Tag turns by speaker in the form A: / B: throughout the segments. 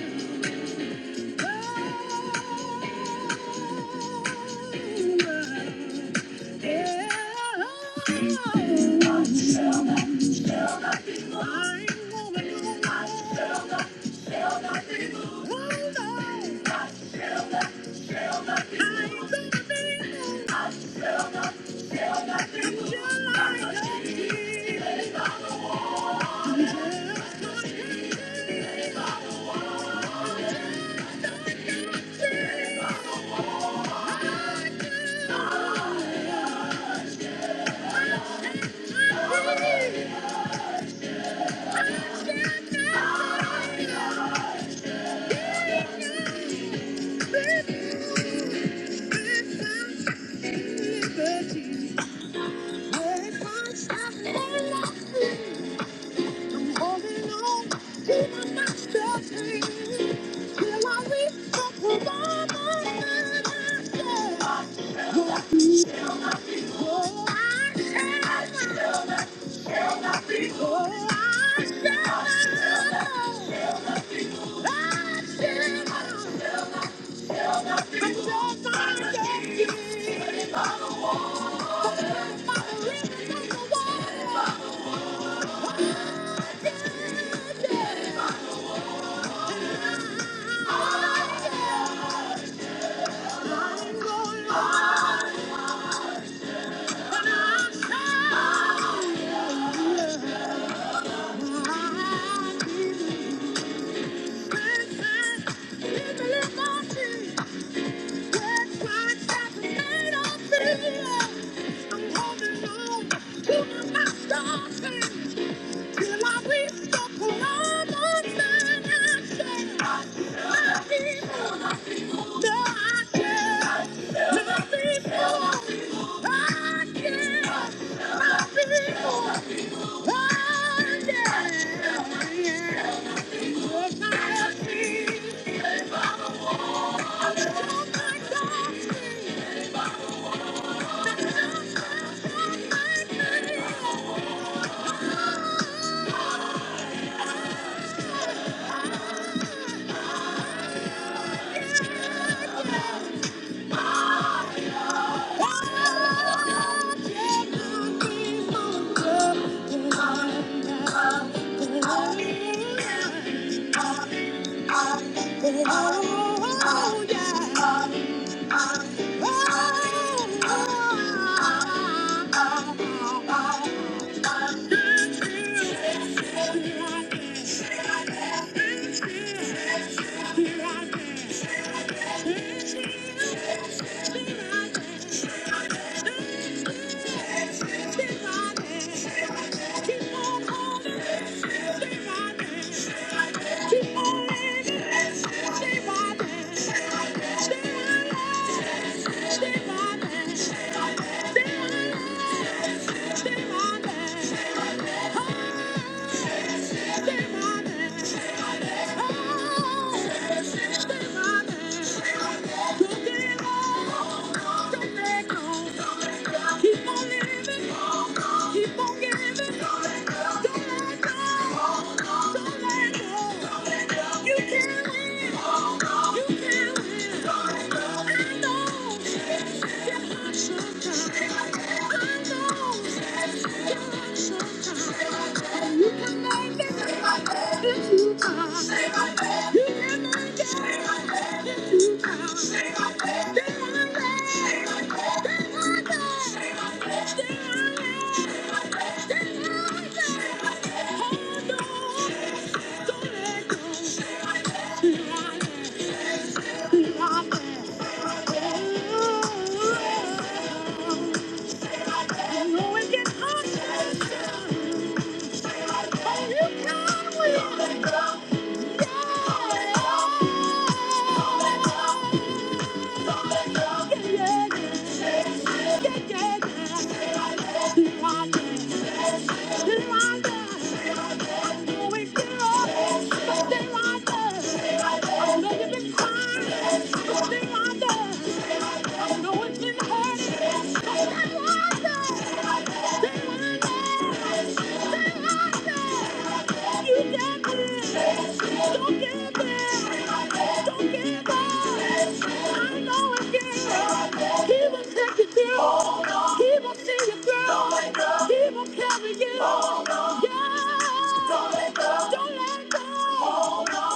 A: oh, Thank you. Yeah. Thank you. Oh my Yeah. Oh, yeah. Stay Stay Stay my my man. man. my man. Keep on living, keep on giving, don't let go, don't let go. You can win, you can win. Hold on. Yeah. Don't give up. I know it. Keep it. Keep on seeing you, girl. Keep on carrying you. Yeah. Don't let go. Don't let go. Don't let go.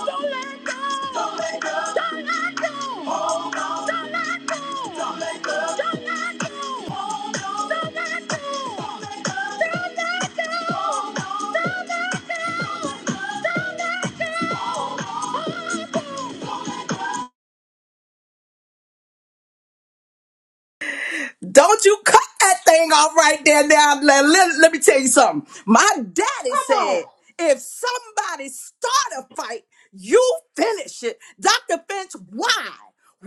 A: Don't let go. Don't let go. Don't let go. Don't let go. Don't let go. Don't let go. Don't let go. Don't let go. Don't let go.
B: Don't you cut that thing off right there now. Let, let, let me tell you something. My daddy
C: Come on.
B: said, if somebody start a fight, you finish it. Dr. Finch, why?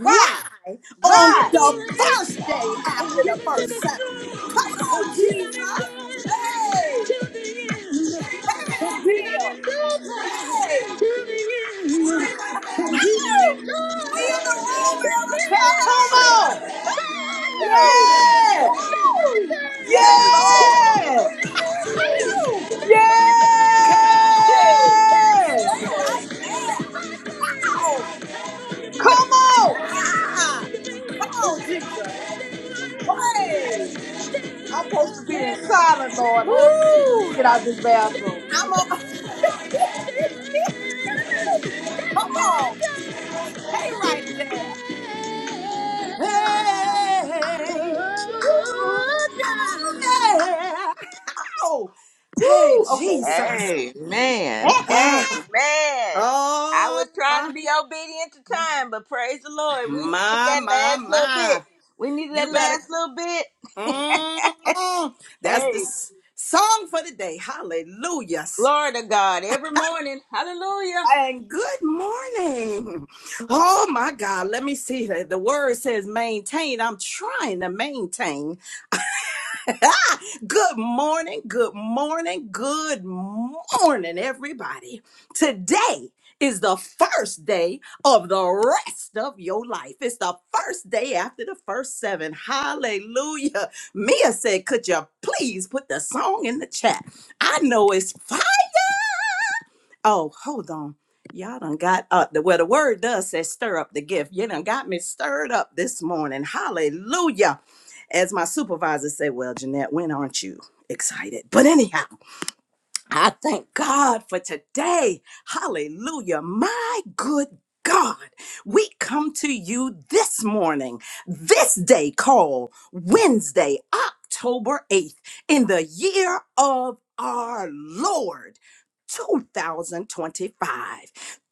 C: Why?
B: on
C: Why?
B: the first day after the first seven? Come on, Jesus. Hey, and still. Hey, Ow! we in the room, Erica.
C: Come on.
B: Ow!
C: Yeah.
B: Woo! Yeah,
C: Yeah.
B: Lord. Okay.
C: Yeah.
B: Stay right there. Ow.
C: Come on.
B: Ah. Come on, Jesus. Hey.
C: I'm supposed to be in
B: Hey.
C: silent, Lord. Oh, Jesus.
B: Woo.
C: Get out of this bathroom.
B: I'm on. Come on.
A: Thank you.
B: Hey, right there. Hey. Oh, yeah. Ow. Hey,
C: Woo.
B: Jesus.
A: Amen.
C: Okay.
B: Ah.
A: Amen. I
B: oh,
A: was trying
B: my,
A: to be obedient to time, but praise the Lord. We needed
B: my, my,
A: that last little
B: my.
A: bit. We needed
B: You
A: that
B: better
A: last little bit.
B: Mm-mm. That's
A: Hey,
B: the s- song for the day. Hallelujah.
A: glory to God every morning. Hallelujah.
B: And good morning. Oh my God. Let me see. The the word says maintain. I'm trying to maintain. Ah, good morning, good morning, good morning, everybody. Today is the first day of the rest of your life. It's the first day after the first seven. Hallelujah. Mia said, Could you please put the song in the chat? I know it's fine. Oh, hold on. Y'all done got up the well, the word does say stir up the gift. You done got me stirred up this morning. Hallelujah. As my supervisor say, well, Jeanette, when aren't you excited? But anyhow, I thank God for today. Hallelujah. My good God, we come to you this morning, this day called Wednesday, October 8th, in the year of our Lord. 2025.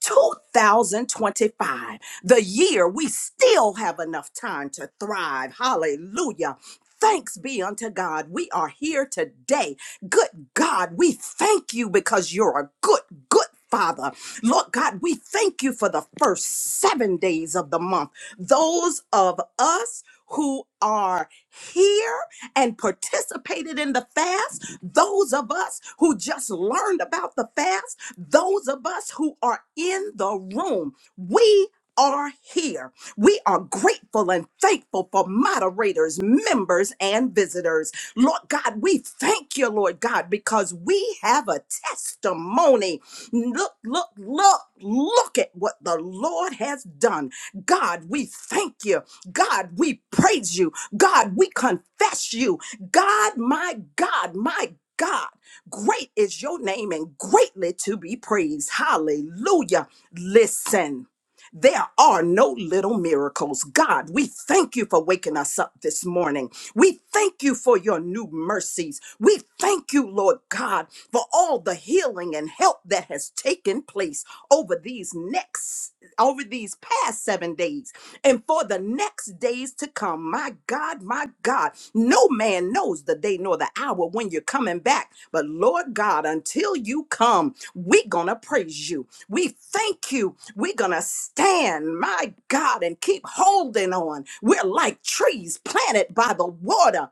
B: 2025, the year we still have enough time to thrive. Hallelujah. Thanks be unto God. We are here today Good God, we thank you because you're a good, good Father. Lord God, we thank you for the first seven days of the month. Those of us who are here and participated in the fast, those of us who just learned about the fast, those of us who are in the room, we are here. We are grateful and thankful for moderators, members, and visitors. Lord God, we thank you, Lord God, because we have a testimony. Look, look, look, look at what the Lord has done. God, we thank you. God, we praise you. God, we confess you. God, my God, my God, great is your name and greatly to be praised. Hallelujah. Listen. There are no little miracles. God, we thank you for waking us up this morning. We thank you for your new mercies. We thank you, Lord God, for all the healing and help that has taken place over these next, over these past seven days and for the next days to come. My God, my God, no man knows the day nor the hour when you're coming back. But Lord God, until you come, we're going to praise you. We thank you. We're going to stand, my God, and keep holding on. We're like trees planted by the water.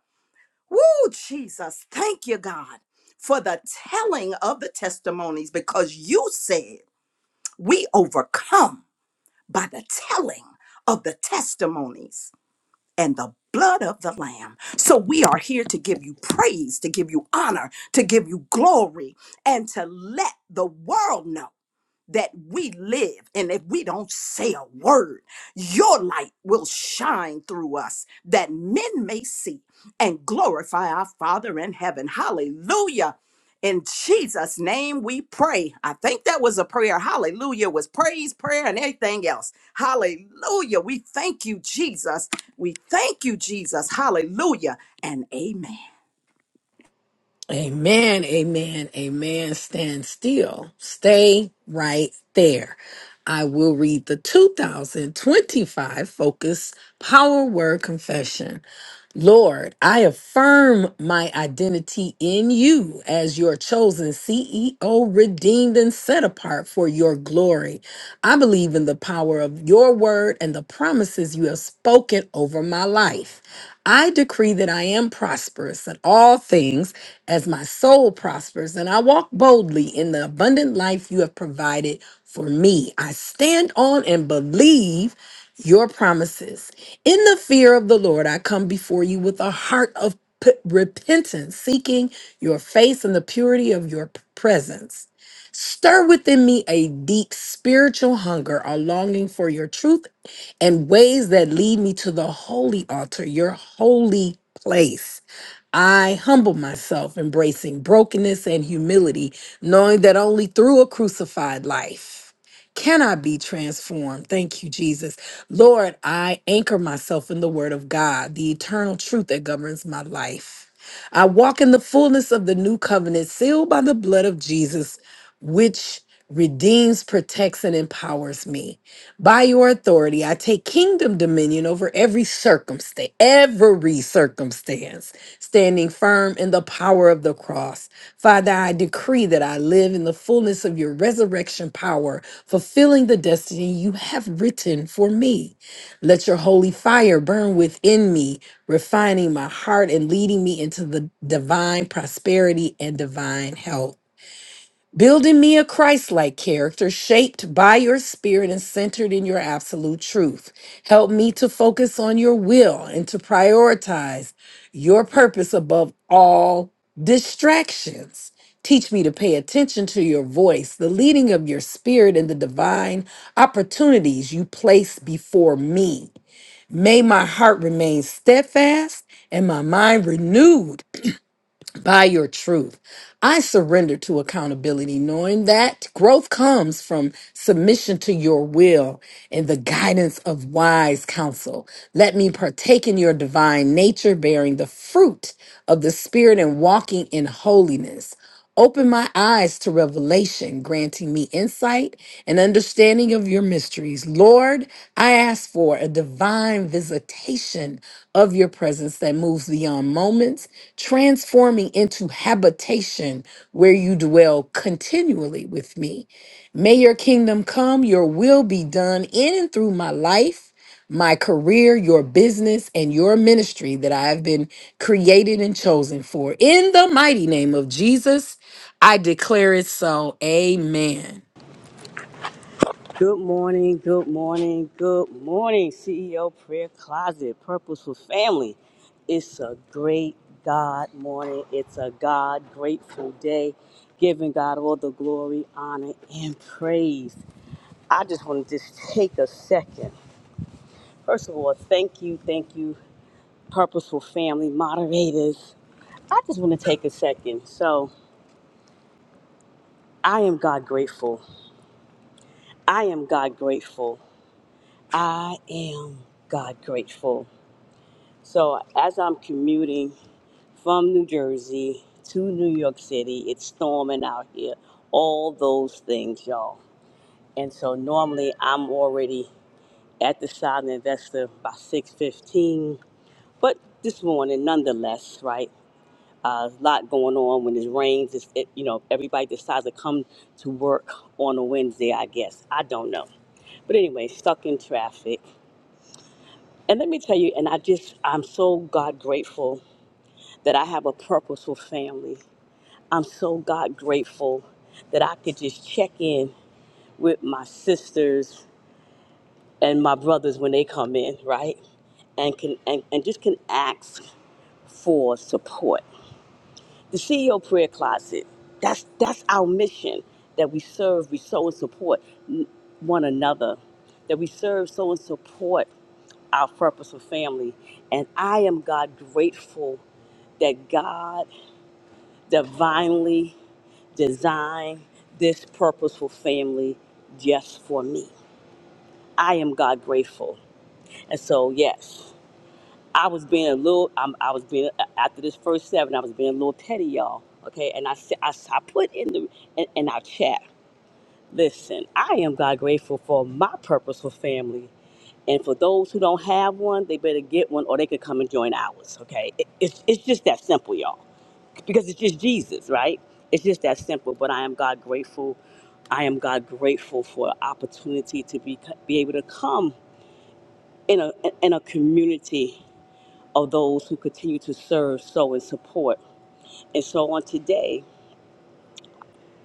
B: Woo, Jesus. Thank you, God, for the telling of the testimonies because you said we overcome by the telling of the testimonies and the blood of the Lamb. So we are here to give you praise, to give you honor, to give you glory, and to let the world know that we live. And if we don't say a word, your light will shine through us that men may see and glorify our Father in heaven. Hallelujah. In Jesus' name we pray. I think that was a prayer. Hallelujah was praise, prayer, and everything else. Hallelujah. We thank you, Jesus. We thank you, Jesus. Hallelujah and amen.
D: Amen, amen, amen. Stand still. Stay right there. I will read the 2025 Focus Power Word Confession. Lord, I affirm my identity in you as your chosen CEO, redeemed and set apart for your glory. I believe in the power of your word and the promises you have spoken over my life. I decree that I am prosperous in all things as my soul prospers, and I walk boldly in the abundant life you have provided for me. I stand on and believe your promises. In the fear of the Lord, I come before you with a heart of p- repentance, seeking your face and the purity of your p- presence. Stir within me a deep spiritual hunger, a longing for your truth and ways that lead me to the holy altar, your holy place. I humble myself, embracing brokenness and humility, knowing that only through a crucified life can I be transformed. Thank you, Jesus. Lord, I anchor myself in the Word of God, the eternal truth that governs my life. I walk in the fullness of the new covenant, sealed by the blood of Jesus, which redeems, protects, and empowers me. By your authority, I take kingdom dominion over every circumstance, every circumstance standing firm in the power of the cross. Father, I decree that I live in the fullness of your resurrection power, fulfilling the destiny you have written for me. Let your holy fire burn within me, refining my heart and leading me into the divine prosperity and divine health. Building me a Christ like character shaped by your spirit and centered in your absolute truth. Help me to focus on your will and to prioritize your purpose above all distractions. Teach me to pay attention to your voice, the leading of your spirit, and the divine opportunities you place before me. May my heart remain steadfast and my mind renewed by your truth. I surrender to accountability, knowing that growth comes from submission to your will and the guidance of wise counsel. Let me partake in your divine nature, bearing the fruit of the Spirit and walking in holiness. Open my eyes to revelation, granting me insight and understanding of your mysteries. Lord, I ask for a divine visitation of your presence that moves beyond moments, transforming into habitation where you dwell continually with me. May your kingdom come, your will be done in and through my life my career, your business, and your ministry that I have been created and chosen for. In the mighty name of Jesus, I declare it so. Amen.
E: Good morning, good morning, good morning, CEO Prayer Closet, Purposeful Family. It's a great God morning. It's a God grateful day, giving God all the glory, honor, and praise. I just want to just take a second. First of all, thank you, thank you, Purposeful Family moderators. I just want to take a second. So, I am God grateful. I am God grateful. I am God grateful. So as I'm commuting from New Jersey to New York City, it's storming out here, all those things, y'all. And so normally I'm already at the silent investor by 6:15, but this morning nonetheless, right? Uh, a lot going on when it rains. It's, it, you know, everybody decides to come to work on a Wednesday, I guess. I don't know. But anyway, stuck in traffic. And let me tell you, and I just, I'm so God grateful that I have a purposeful family. I'm so God grateful that I could just check in with my sisters and my brothers when they come in, right? And can and, and just can ask for support. The CEO prayer closet, that's that's our mission that we serve, we sow and support n- one another, that we serve, sow and support our purposeful family. And I am God grateful that God divinely design this purposeful family just for me. I am God grateful. And so, yes, I was being a little, I'm, I was being, after this first seven, I was being a little petty, y'all. Okay. And I, said- I, s- I put in the, in, in our chat, listen, I am God grateful for my purposeful family. And for those who don't have one, they better get one or they could come and join ours. Okay. It, it's, it's just that simple, y'all because it's just Jesus, right? It's just that simple. But I am God grateful. I am God grateful for the opportunity to be be able to come in a in a community of those who continue to serve, sow, and support. And so on today,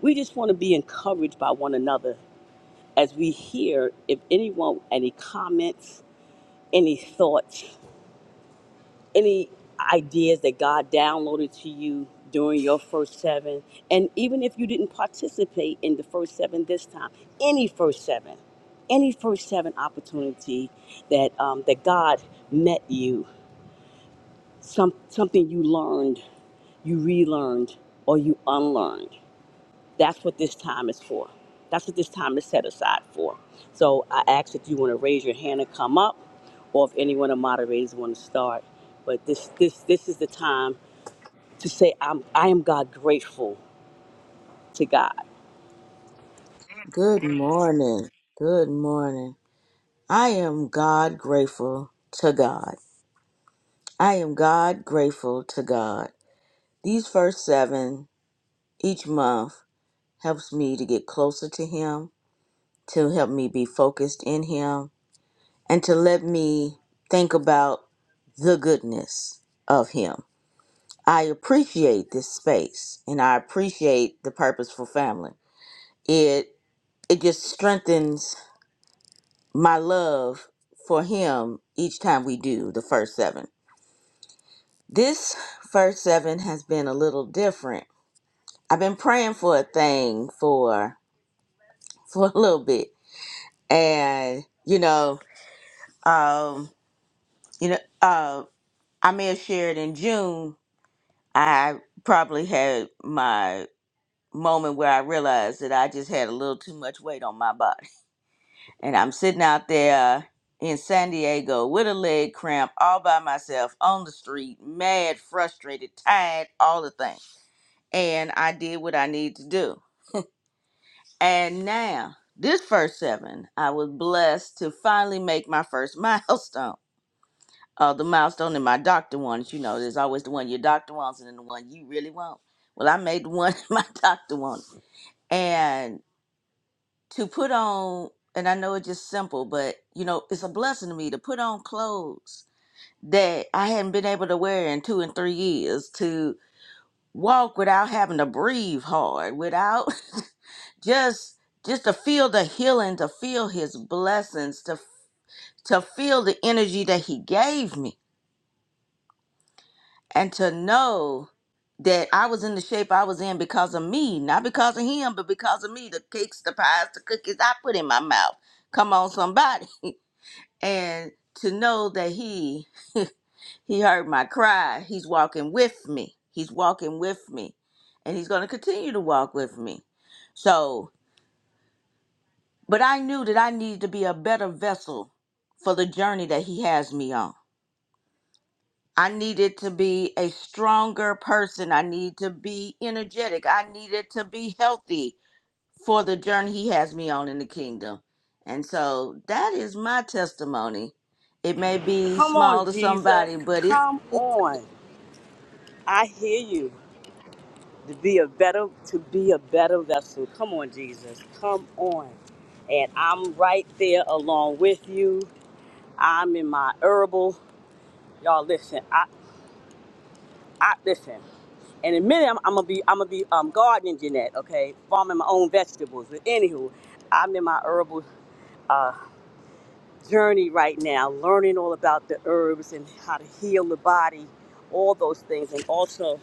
E: we just want to be encouraged by one another as we hear if anyone any comments, any thoughts any ideas that God downloaded to you during your first seven, and even if you didn't participate in the first seven this time, any first seven, any first seven opportunity that um, that God met you, some something you learned, you relearned, or you unlearned. That's what this time is for. That's what this time is set aside for. So I ask if you want to raise your hand and come up, or if any one of the moderators want to start. But this this this is the time to say I'm I am God grateful to God.
A: Good morning. Good morning. I am God grateful to God. I am God grateful to God. These first seven each month helps me to get closer to Him, to help me be focused in Him, and to let me think about the goodness of Him. I appreciate this space and I appreciate the purposeful family. It it just strengthens my love for him each time we do the first seven. This first seven has been a little different. I've been praying for a thing for for a little bit and you know, um, you know, uh, I may have shared in June. I probably had my moment where I realized that I just had a little too much weight on my body, and I'm sitting out there in San Diego with a leg cramp, all by myself on the street, mad, frustrated, tired, all the things. And I did what I need to do, and now. This first seven, I was blessed to finally make my first milestone uh, the milestone and my doctor wants. You know, there's always the one your doctor wants and then the one you really want. Well, I made the one my doctor wants. And to put on, and I know it's just simple, but you know, it's a blessing to me to put on clothes that I hadn't been able to wear in two and three years, to walk without having to breathe hard, without just just to feel the healing, to feel his blessings, to to feel the energy that he gave me and to know that I was in the shape I was in because of me, not because of him, but because of me. The cakes, the pies, the cookies I put in my mouth. Come on, somebody. And to know that he he heard my cry. He's walking with me. He's walking with me. And he's going to continue to walk with me. So, but I knew that I needed to be a better vessel for the journey that he has me on. I needed to be a stronger person. I need to be energetic. I needed to be healthy for the journey he has me on in the kingdom. And so that is my testimony. It may be
E: Come on,
A: small to
E: Jesus.
A: somebody, but it's
E: Come on. I hear you. To be a better to be a better vessel. Come on, Jesus. Come on. And I'm right there along with you. I'm in my herbal. Y'all listen. I I listen. And in a minute, I'm, I'm gonna be I'm gonna be um, gardening, Jeanette. Okay, farming my own vegetables. But anywho, I'm in my herbal uh, journey right now, learning all about the herbs and how to heal the body, all those things, and also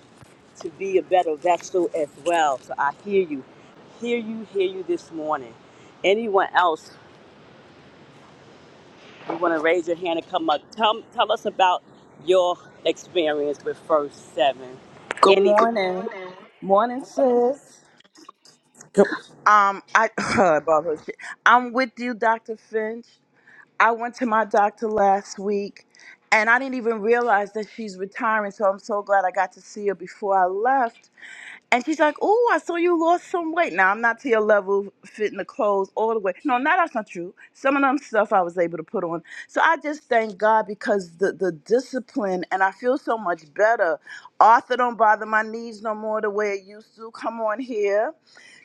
E: to be a better vessel as well. So I hear you, hear you, hear you this morning. Anyone else, you want to raise your hand and come up? Tell tell us about your experience with First Seven.
F: Good
E: Any.
F: morning. Morning, sis.
G: Good-
F: Um, I about her shit. I'm with you, Dr. Finch. I went to my doctor last week and I didn't even realize that she's retiring, so I'm so glad I got to see her before I left. And she's like, "Oh, I saw you lost some weight. Now I'm not to your level, fitting the clothes all the way. No, no, that's not true. Some of them stuff I was able to put on. So I just thank God because the the discipline, and I feel so much better. Arthur don't bother my knees no more the way it used to. Come on here,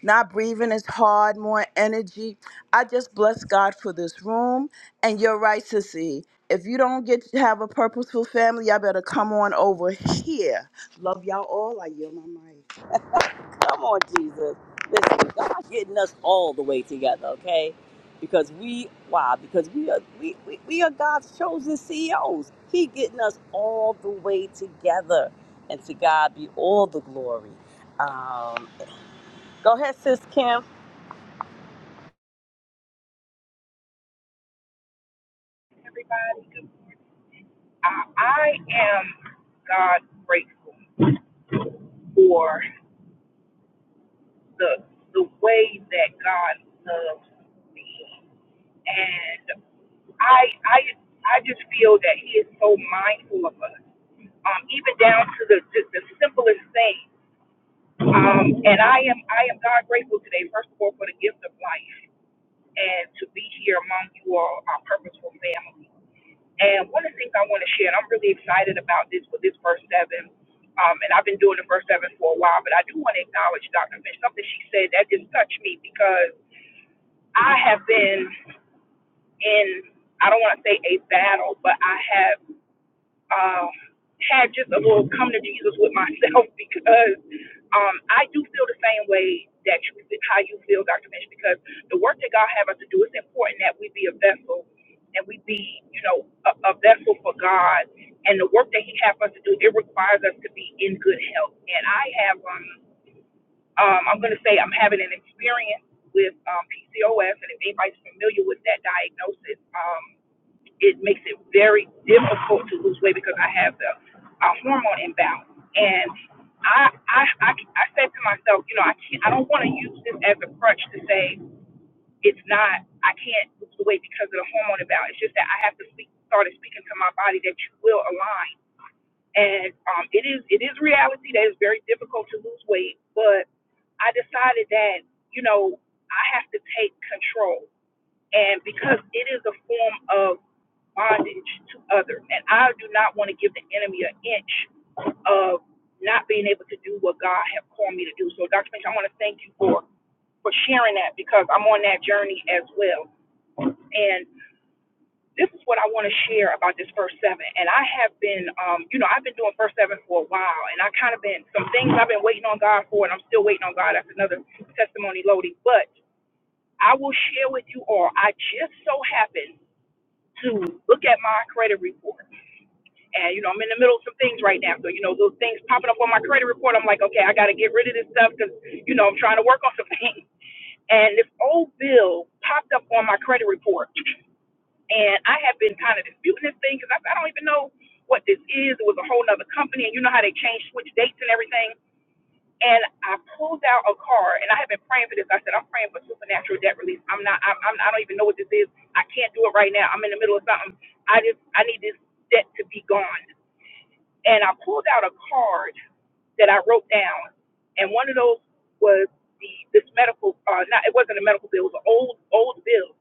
F: not breathing is hard, more energy. I just bless God for this room. And you're right, Sissy. If you don't get to have a purposeful family, y'all better come on over here. Love y'all all. I yield my mic.
E: Come on, Jesus. Listen, God getting us all the way together, okay? Because we, why? Because we are we, we, we are God's chosen CEOs. He getting us all the way together. And to God be all the glory. Um, go ahead, sis Kim.
H: I, I am God grateful for the the way that God loves me, and I I I just feel that He is so mindful of us, um, even down to the the, the simplest thing. Um, and I am I am God grateful today, first of all, for the gift of life and to be here among you all, our purposeful family. And one of the things I want to share, and I'm really excited about this with this verse seven, um, and I've been doing the verse seven for a while, but I do want to acknowledge Dr. Finch, something she said that just touched me because I have been in, I don't want to say a battle, but I have um, had just a little come to Jesus with myself because um, I do feel the same way that you how you feel, Dr. Mitch, because the work that God have us to do, it's important that we be a vessel and we be, you know, a, a vessel for God. And the work that He have us to do, it requires us to be in good health. And I have, um, um, I'm going to say, I'm having an experience with um, PCOS, and if anybody's familiar with that diagnosis, um, it makes it very difficult to lose weight because I have the uh, hormone imbalance. And I, I, I, I said to myself, you know, I can't, I don't want to use this as a crutch to say it's not, I can't lose the weight because of the hormone imbalance. It's just that I have to speak, started speaking to my body that you will align. And um, it is, it is reality that it's very difficult to lose weight, but I decided that, you know, I have to take control. And because it is a form of bondage to others. And I do not want to give the enemy an inch of not being able to do what God has called me to do. So, Dr. Finch, I want to thank you for, for sharing that because I'm on that journey as well. And this is what I want to share about this first seven. And I have been, um, you know, I've been doing first seven for a while, and I kind of been some things I've been waiting on God for, and I'm still waiting on God. That's another testimony, Lodi. But I will share with you all. I just so happened to look at my credit report and you know I'm in the middle of some things right now. So you know those things popping up on my credit report, I'm like, okay, I got to get rid of this stuff because you know I'm trying to work on some things. And this old bill popped up on my credit report, and I have been kind of disputing this thing because I, I don't even know what this is. It was a whole nother company, and you know how they change switch dates and everything. And I pulled out a card, and I have been praying for this. I said, I'm praying for supernatural debt release. I'm not, I, I'm, I don't even know what this is. I can't do it right now. I'm in the middle of something. I just, I need this debt to be gone. And I pulled out a card that I wrote down, and one of those was the this medical. Uh, not it wasn't a medical bill; it was an old old bill.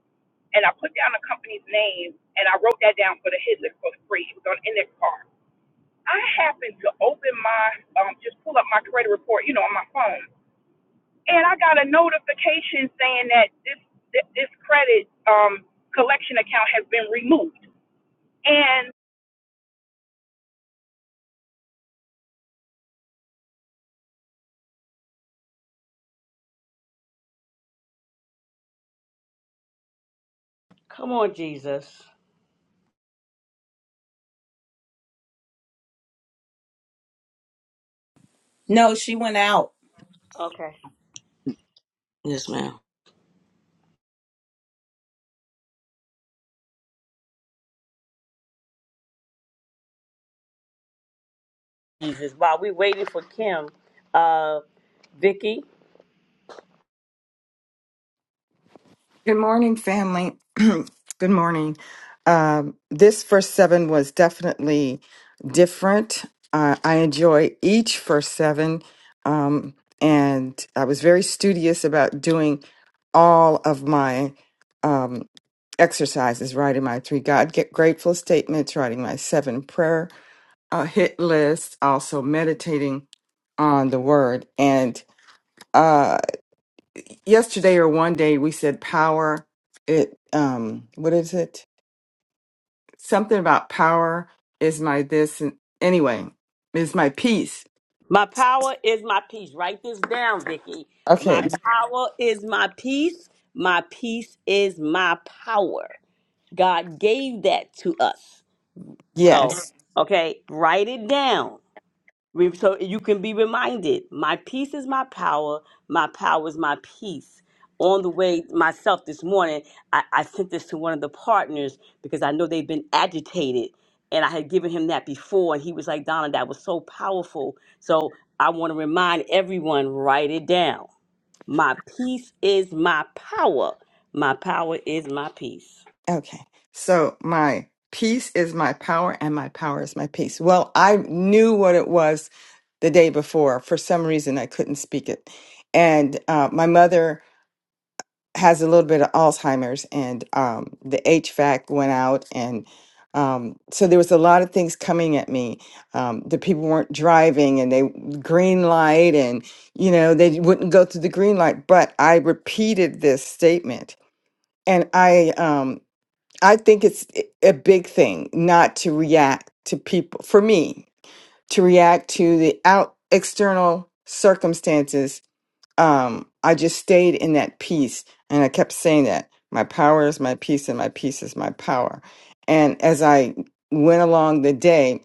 H: And I put down the company's name, and I wrote that down for the Hitler for free. It was on in their car. I happened to open my um, just pull up my credit report, you know, on my phone, and I got a notification saying that this th- this credit um, collection account has been removed. And
E: Come on, Jesus.
B: No, she went out.
E: Okay.
A: yes, ma'am.
E: Jesus. While we waiting for Kim, uh, Vicky.
I: Good morning, family. Good morning. Um, this first seven was definitely different. Uh, I enjoy each first seven, um, and I was very studious about doing all of my um, exercises, writing my three God get grateful statements, writing my seven prayer uh, hit list, also meditating on the Word, and. uh, yesterday or one day we said power it um what is it something about power is my this and anyway is my peace
E: My power is my peace. Write this down, Vicky. My
I: okay
E: power is my peace. My peace is my power. God gave that to us. So,
I: yes
E: okay, write it down. Re- So you can be reminded, my peace is my power, my power is my peace. On the way myself this morning, I, I sent this to one of the partners because I know they've been agitated. And I had given him that before, and he was like, Donna, that was so powerful. So I want to remind everyone write it down. My peace is my power. My power is my peace.
I: okay so my peace is my power and my power is my peace well i knew what it was the day before for some reason i couldn't speak it and uh, my mother has a little bit of Alzheimer's, and um, the HVAC went out, and um, so there was a lot of things coming at me. Um, the people weren't driving, and they green light, and you know they wouldn't go through the green light. But I repeated this statement, and I um, I think it's i- a big thing not to react to people. For me, to react to the out external circumstances um, I just stayed in that peace. And I kept saying that my power is my peace, and my peace is my power. And as I went along the day,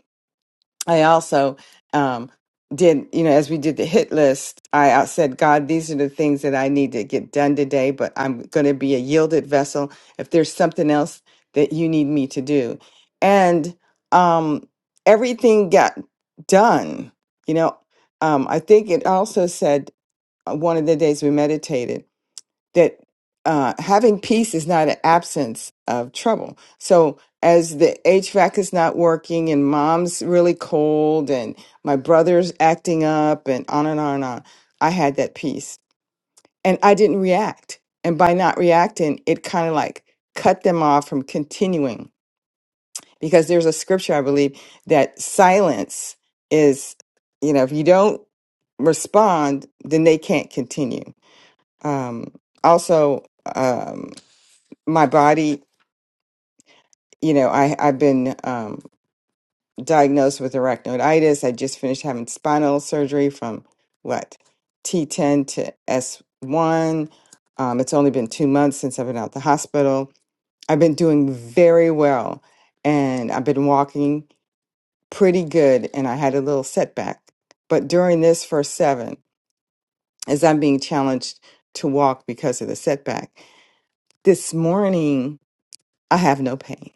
I: I also um, did, you know, as we did the hit list, I out- said, God, these are the things that I need to get done today, but I'm going to be a yielded vessel if there's something else that you need me to do. And um, everything got done. You know, um, I think it also said uh, one of the days we meditated that uh, having peace is not an absence of trouble. So as the HVAC is not working and mom's really cold and my brother's acting up and on and on and on, I had that peace and I didn't react. And by not reacting, it kind of like cut them off from continuing because there's a scripture I believe that silence is, you know, if you don't respond, then they can't continue. Um, also, um, my body, you know, I, I've been um, diagnosed with arachnoiditis. I just finished having spinal surgery from what, T10 to S1. Um, it's only been two months since I've been out the hospital. I've been doing very well and I've been walking pretty good, and I had a little setback. But during this first seven, as I'm being challenged to walk because of the setback, this morning, I have no pain.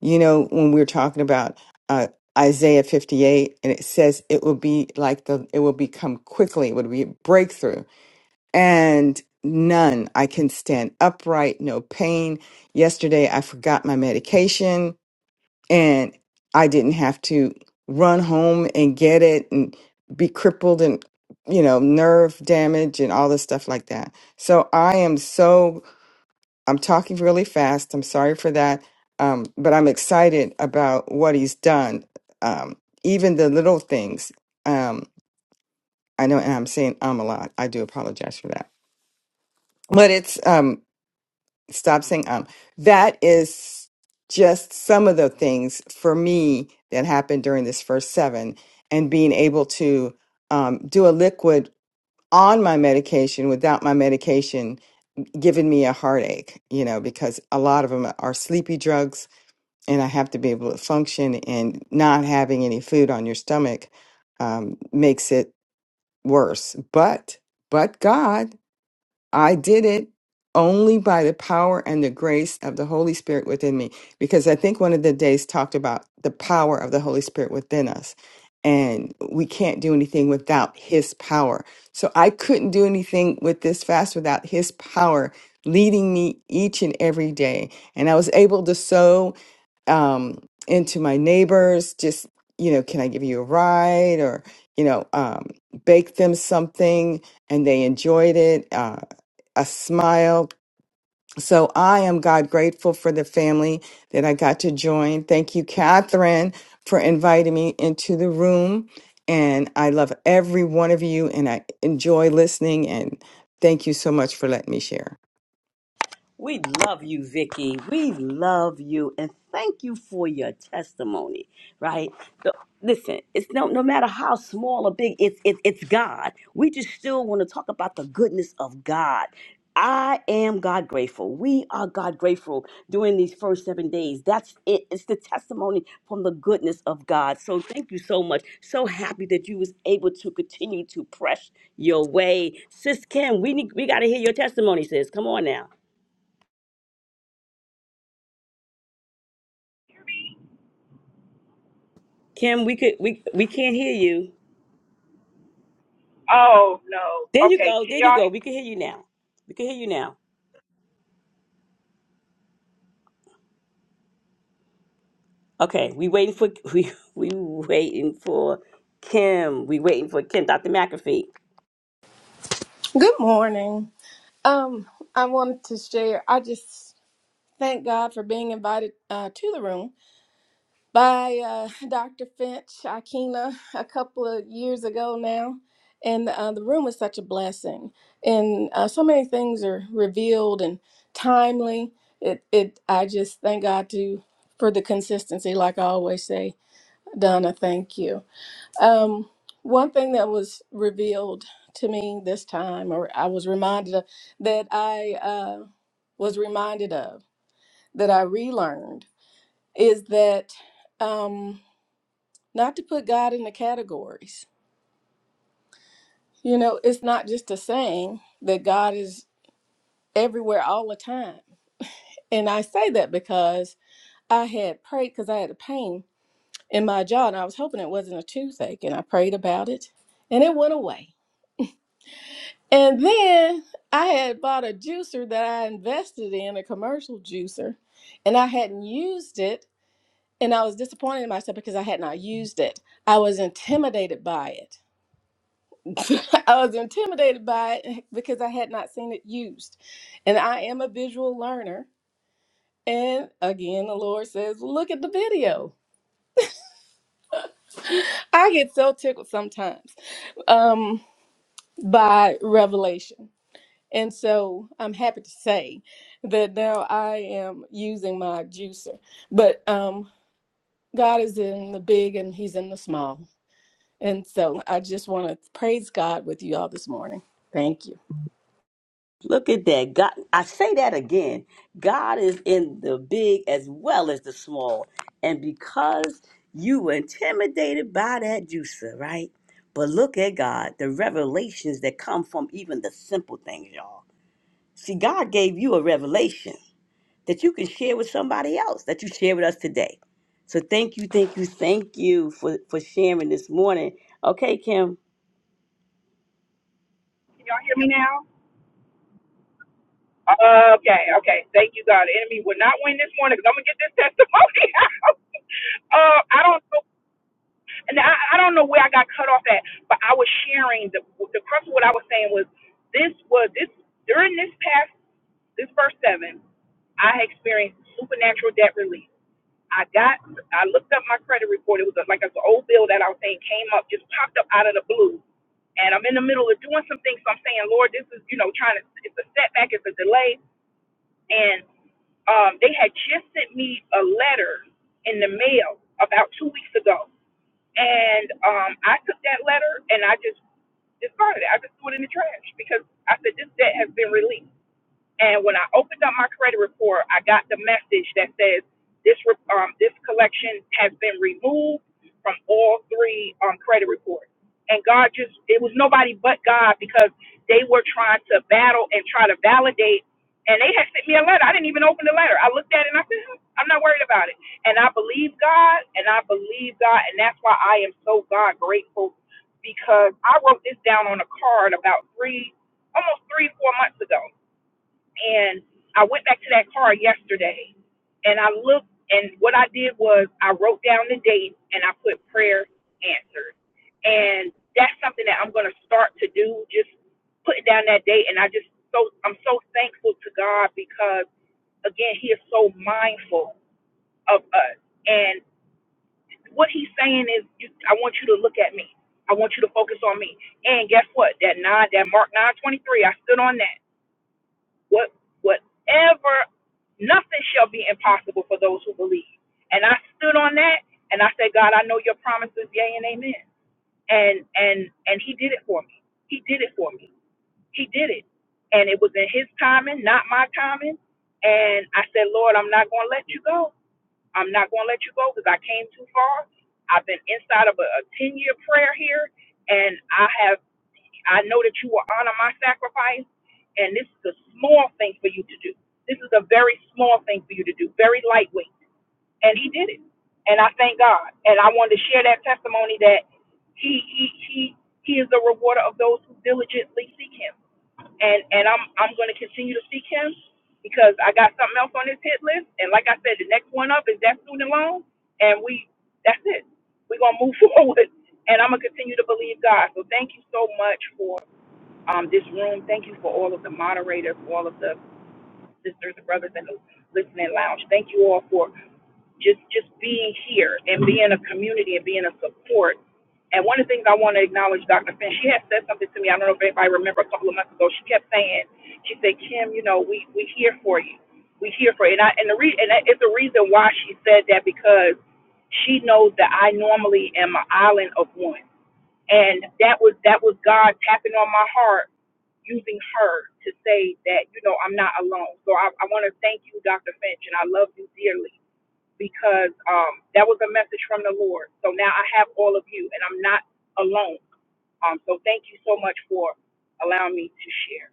I: You know, when we are talking about uh, Isaiah 58, and it says it will be like the, it will become quickly, it would be a breakthrough. And none, I can stand upright, no pain. Yesterday, I forgot my medication and I didn't have to run home and get it and be crippled and, you know, nerve damage and all this stuff like that. So I am so I'm talking really fast. I'm sorry for that. Um, but I'm excited about what he's done, um, even the little things. Um, I know and I'm saying um a lot. I do apologize for that. But it's um, stop saying um. That is just some of the things for me that happened during this first seven and being able to um, do a liquid on my medication without my medication giving me a heartache, you know, because a lot of them are sleepy drugs and I have to be able to function. And not having any food on your stomach um, makes it worse. But, but God, I did it only by the power and the grace of the Holy Spirit within me. Because I think one of the days talked about the power of the Holy Spirit within us. And we can't do anything without his power. So I couldn't do anything with this fast without his power leading me each and every day. And I was able to sow um, into my neighbors, just, you know, can I give you a ride or, you know, um, bake them something and they enjoyed it, uh, a smile. So I am God grateful for the family that I got to join. Thank you, Catherine, for inviting me into the room. And I love every one of you and I enjoy listening. And thank you so much for letting me share.
E: We love you, Vicky. We love you, and thank you for your testimony. Right? The- listen, it's no no matter how small or big, it's it's it's God. We just still want to talk about the goodness of God. I am God grateful. We are God grateful during these first seven days. That's it. It's the testimony from the goodness of God. So thank you so much. So happy that you was able to continue to press your way, sis Kim. We need, we got to hear your testimony, sis. Come on now. Kim, we could we we can't hear you.
H: oh no,
E: There you
H: okay,
E: go.
H: can
E: There you
H: y'all
E: go. We can hear you now. We can hear you now. Okay, we waiting for we we waiting for Kim. We waiting for Kim. Dr. McAfee.
J: Good morning. Um, I wanted to share. I just thank God for being invited uh, to the room by uh, Dr. Finch Akina a couple of years ago now, and uh, the room is such a blessing. And uh, so many things are revealed and timely. It, it. I just thank God to for the consistency, like I always say, Donna. Thank you. Um, one thing that was revealed to me this time, or I was reminded of, that I uh, was reminded of, that I relearned, is that um, not to put God in the categories. You know, it's not just a saying that God is everywhere all the time. And I say that because I had prayed because I had a pain in my jaw and I was hoping it wasn't a toothache. And I prayed about it and it went away. And then I had bought a juicer that I invested in, a commercial juicer, and I hadn't used it. And I was disappointed in myself because I had not used it. I was intimidated by it. I was intimidated by it because I had not seen it used. And I am a visual learner. And again, the Lord says, look at the video. I get so tickled sometimes um, by revelation. And so I'm happy to say that now I am using my juicer. But um, God is in the big and He's in the small. And so I just want to praise God with you all this morning. Thank you.
E: Look at that. God, I say that again. God is in the big as well as the small. And because you were intimidated by that juicer, right? But look at God, the revelations that come from even the simple things, y'all. See, God gave you a revelation that you can share with somebody else that you share with us today. So thank you, thank you, thank you for, for sharing this morning. Okay, Kim.
H: can y'all hear me now? Okay, okay. Thank you, God. The enemy will not win this morning because I'm gonna get this testimony out. uh, I don't know, and I, I don't know where I got cut off at, but I was sharing the the crux of what I was saying was this was this during this past this first seven, I experienced supernatural debt relief. I got I looked up my credit report. It was a, like an old bill that I was saying came up, just popped up out of the blue and I'm in the middle of doing some things. So I'm saying, Lord, this is, you know, trying to, it's a setback, it's a delay um, they had just sent me a letter in the mail about two weeks ago, and um, I took that letter and I just discarded it. I just threw it in the trash because I said this debt has been released. And when I opened up my credit report, I got the message that says this re- um, this collection has been removed from all three um, credit reports. And God just it was nobody but God because they were trying to battle and try to validate. And they had sent me a letter. I didn't even open the letter. I looked at it and I said, "Hmm, I'm not worried about it. And I believe God, and I believe God, and that's why I am so God grateful because I wrote this down on a card about three, almost three, four months ago and I went back to that car yesterday and I looked and what I did was I wrote down the date and I put prayer answered. And that's something that I'm gonna start to do, just putting down that date and I just so I'm so thankful to God because again he is so mindful of us. And what he's saying is you, I want you to look at me. I want you to focus on me. And guess what? That nine that Mark nine twenty three, I stood on that what whatever nothing shall be impossible for those who believe and i stood on that and i said god i know your promises yea and amen and and and he did it for me he did it for me he did it and it was in his timing not my timing and i said lord i'm not going to let you go i'm not going to let you go because i came too far i've been inside of a, a 10 year prayer here and i have I know that you will honor my sacrifice, and this is a small thing for you to do. This is a very small thing for you to do, very lightweight. And he did it. And I thank God. And I wanted to share that testimony that he he he he is the rewarder of those who diligently seek him. And and I'm I'm gonna continue to seek him because I got something else on this hit list. And like I said, the next one up is that student loan and we that's it. We're gonna move forward and I'm gonna continue to believe God. So thank you so much for um, this room. Thank you for all of the moderators, all of the sisters and brothers in the listening lounge. Thank you all for just just being here and being a community and being a support. And one of the things I want to acknowledge, Dr. Finn, she had said something to me. I don't know if anybody remember a couple of months ago. She kept saying, she said, Kim, you know, we we here for you. We here for you. And I and the re- and that- it's the reason why she said that because she knows that I normally am an island of one. And that was that was God tapping on my heart using her to say that, you know, I'm not alone. So I, I want to thank you, Dr. Finch, and I love you dearly because um, that was a message from the Lord. So now I have all of you and I'm not alone. Um, so thank you so much for allowing me to share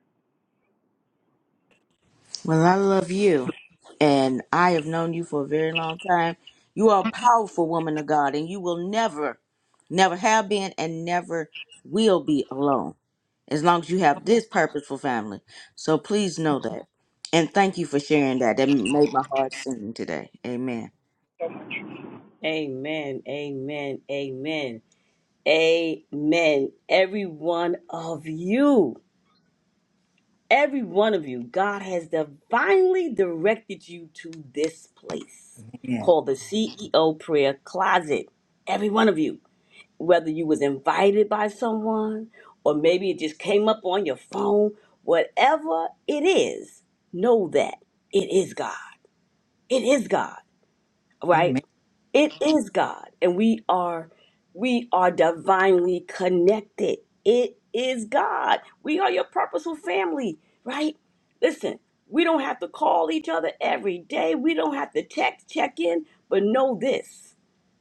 A: Well, I love you. And I have known you for a very long time. You are a powerful woman of God, and you will never, never have been and never will be alone. as long as you have this purposeful family. So please know that. And thank you for sharing that. That made my heart sing today. Amen.
H: so much.
E: Amen. Amen. Amen. Amen. Every one of you, every one of you, God has divinely directed you to this place called the CEO Prayer Closet. Every one of you. whether you was invited by someone or maybe it just came up on your phone whatever it is know that it is god it is god right it is god and we are we are divinely connected it is god we are your purposeful family right listen we don't have to call each other every day we don't have to text check in but know this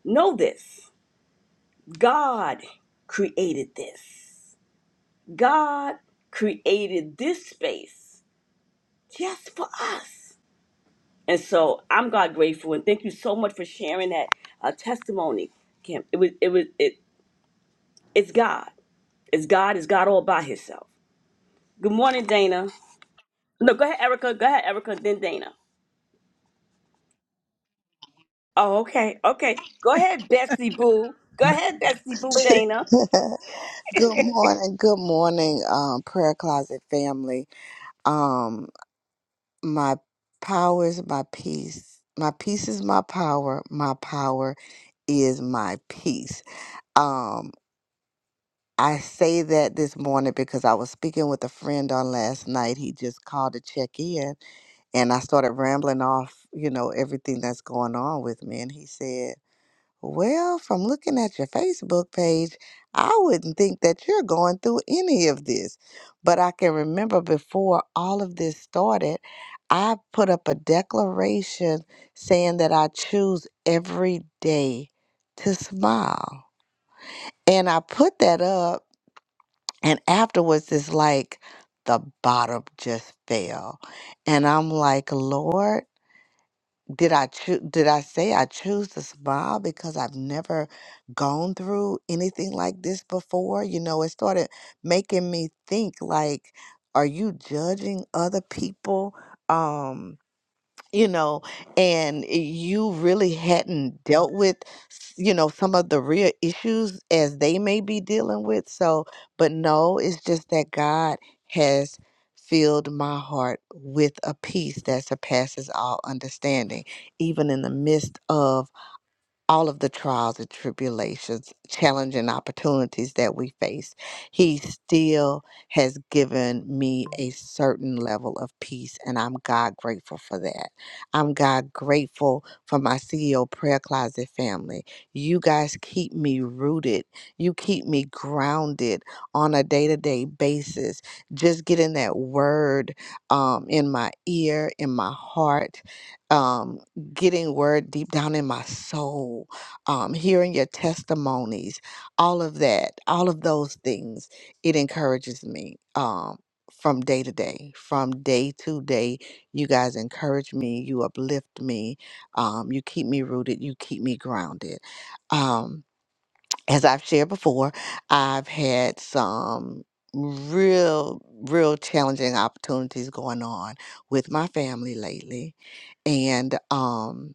E: know this god created this God created this space just for us. And so I'm God grateful and thank you so much for sharing that uh, testimony, Kim. It was it was it it's God. It's God, it's God all by himself. Good morning, Dana. No, go ahead, Erica. Go ahead, Erica, then Dana. Oh, okay, okay. Go ahead, Bessie Boo. Go ahead, Bessie Boo, Dana.
K: good morning, good morning, um, prayer closet family. Um, my power is my peace. My peace is my power. My power is my peace. Um, I say that this morning because I was speaking with a friend on last night. He just called to check in, and I started rambling off, you know, everything that's going on with me. And he said. Well, from looking at your Facebook page, I wouldn't think that you're going through any of this. But I can remember before all of this started, I put up a declaration saying that I choose every day to smile. And I put that up, and afterwards, it's like the bottom just fell. And I'm like, Lord did I choose? Did I say I choose to smile because I've never gone through anything like this before? You know, it started making me think like, are you judging other people? Um, you know, and you really hadn't dealt with, s- you know, some of the real issues as they may be dealing with. So, but no, it's just that God has filled my heart with a peace that surpasses all understanding, even in the midst of all of the trials and tribulations, challenging opportunities that we face, He still has given me a certain level of peace, and I'm God grateful for that. I'm God grateful for my CEO Prayer Closet family. You guys keep me rooted, you keep me grounded on a day to day basis. Just getting that word um, in my ear, in my heart. um, getting word deep down in my soul, um, hearing your testimonies, all of that, all of those things, it encourages me um, from day to day, from day to day. You guys encourage me, you uplift me, um, you keep me rooted, you keep me grounded. Um, as I've shared before, I've had some real, real challenging opportunities going on with my family lately. And, um,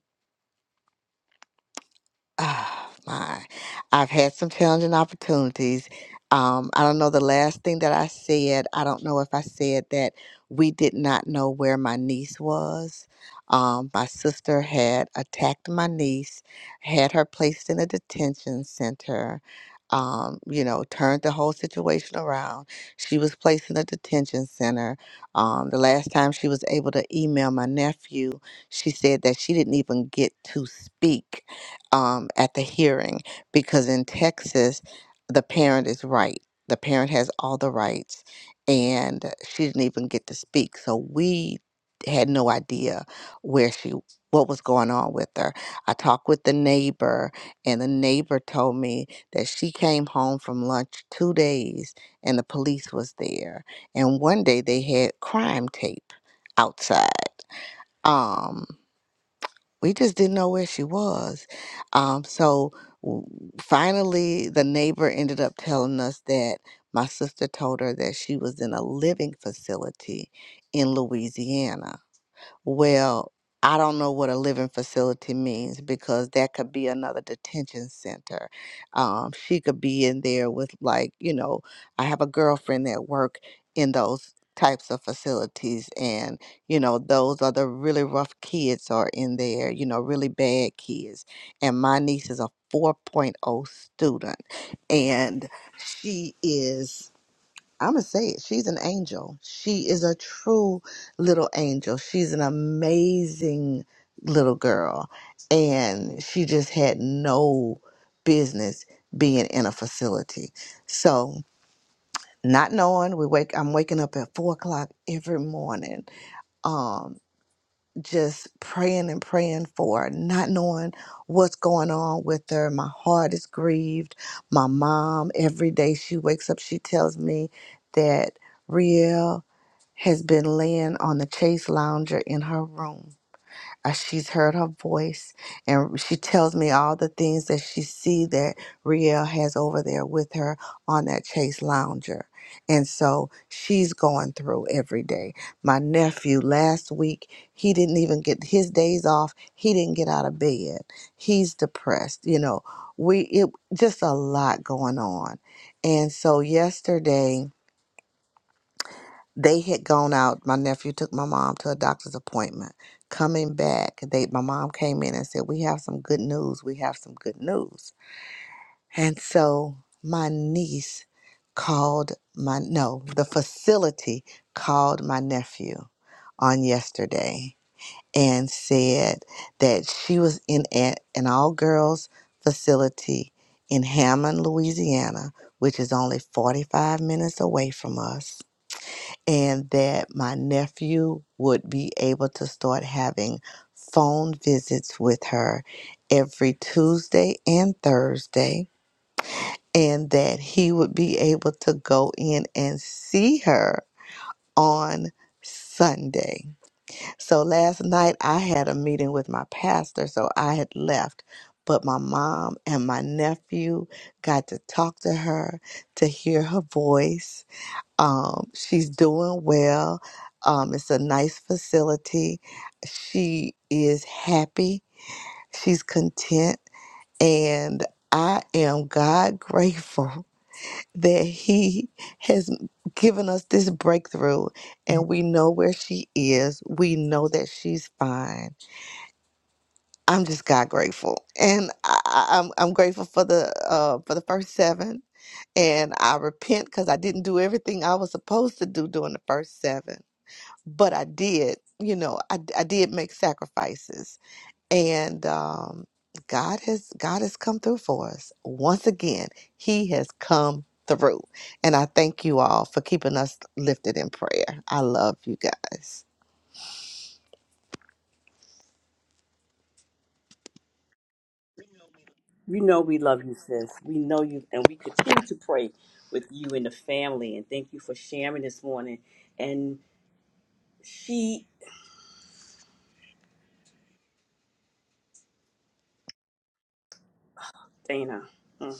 K: Oh, my. I've had some challenging opportunities. Um, I don't know the last thing that I said. I don't know if I said that we did not know where my niece was. Um, my sister had attacked my niece, had her placed in a detention center, um, you know, turned the whole situation around. She was placed in a detention center. Um, the last time she was able to email my nephew, she said that she didn't even get to speak um, at the hearing because in Texas, the parent is right. The parent has all the rights, and she didn't even get to speak. So we had no idea where she what was going on with her. I talked with the neighbor and the neighbor told me that she came home from lunch 2 days and the police was there. And one day they had crime tape outside. Um we just didn't know where she was. Um, so w- finally, the neighbor ended up telling us that my sister told her that she was in a living facility in Louisiana well, I don't know what a living facility means because that could be another detention center. Um, she could be in there with, like, you know, I have a girlfriend that work in those types of facilities and you know those are the really rough kids are in there you know really bad kids and my niece is a 4.0 student and she is I'm gonna say it. She's an angel. She is a true little angel. She's an amazing little girl, and she just had no business being in a facility. So, not knowing, we wake. I'm waking up at four o'clock every morning, Um, just praying and praying for, not knowing what's going on with her. My heart is grieved. My mom, every day she wakes up, she tells me that Riel has been laying on the chase lounger in her room uh, she's heard her voice, and she tells me all the things that she see that Riel has over there with her on that Chase Lounger. And so she's going through every day. My nephew last week, he didn't even get his days off. He didn't get out of bed. He's depressed. You know, we it just a lot going on. And so yesterday they had gone out. My nephew took my mom to a doctor's appointment. Coming back, they my mom came in and said, "We have some good news. We have some good news." And so my niece called my no, the facility called my nephew on yesterday and said that she was in a, an all girls facility in Hammond, Louisiana, which is only 45 minutes away from us and that my nephew would be able to start having phone visits with her every Tuesday and Thursday, and that he would be able to go in and see her on Sunday. So last night I had a meeting with my pastor, so I had left. But my mom and my nephew got to talk to her, to hear her voice, um, she's doing well. Um, it's a nice facility. She is happy. She's content. And I am God grateful that He has given us this breakthrough and we know where she is. We know that she's fine. I'm just God grateful. And I, I- I'm, I'm grateful for the, uh, for the first seven. And I repent because I didn't do everything I was supposed to do during the first seven but I did, you know, I, I did make sacrifices, and um, God has God has come through for us once again. He has come through, and I thank you all for keeping us lifted in prayer. I love you guys.
E: We know we love you, sis. We know you and we continue to pray with you and the family. And thank you for sharing this morning. And she Dana. Mm,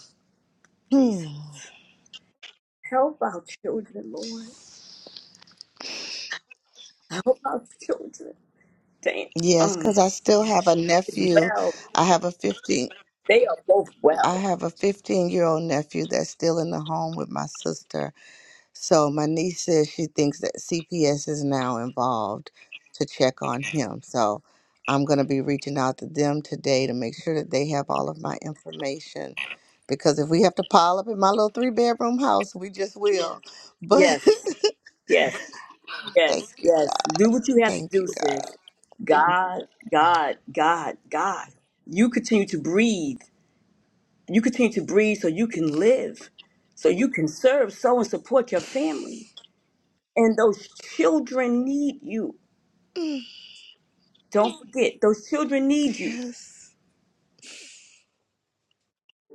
E: Jesus.
K: Hmm.
E: Help our children, Lord. Help our children. Dana.
K: Yes,
E: Um,
K: because I still have
E: she
K: a
E: is
K: nephew.
E: well.
K: I have a fifteen.
E: They are both
K: I
E: well.
K: have a fifteen year old nephew that's still in the home with my sister So my niece says she thinks that CPS is now involved to check on him. So I'm going to be reaching out to them today to make sure that they have all of my information. Because if we have to pile up in my little three bedroom house, we just will. But
E: Yes. Yes.
K: thank
E: Yes.
K: you,
E: Yes.
K: God.
E: Do what you have to
K: Thank you,
E: do, sis. God, God, God, God. You continue to breathe. You continue to breathe so you can live, so you can serve, so and support your family. And those children need you.
K: God. Mm,
E: Don't forget, those children need you.
K: Yes.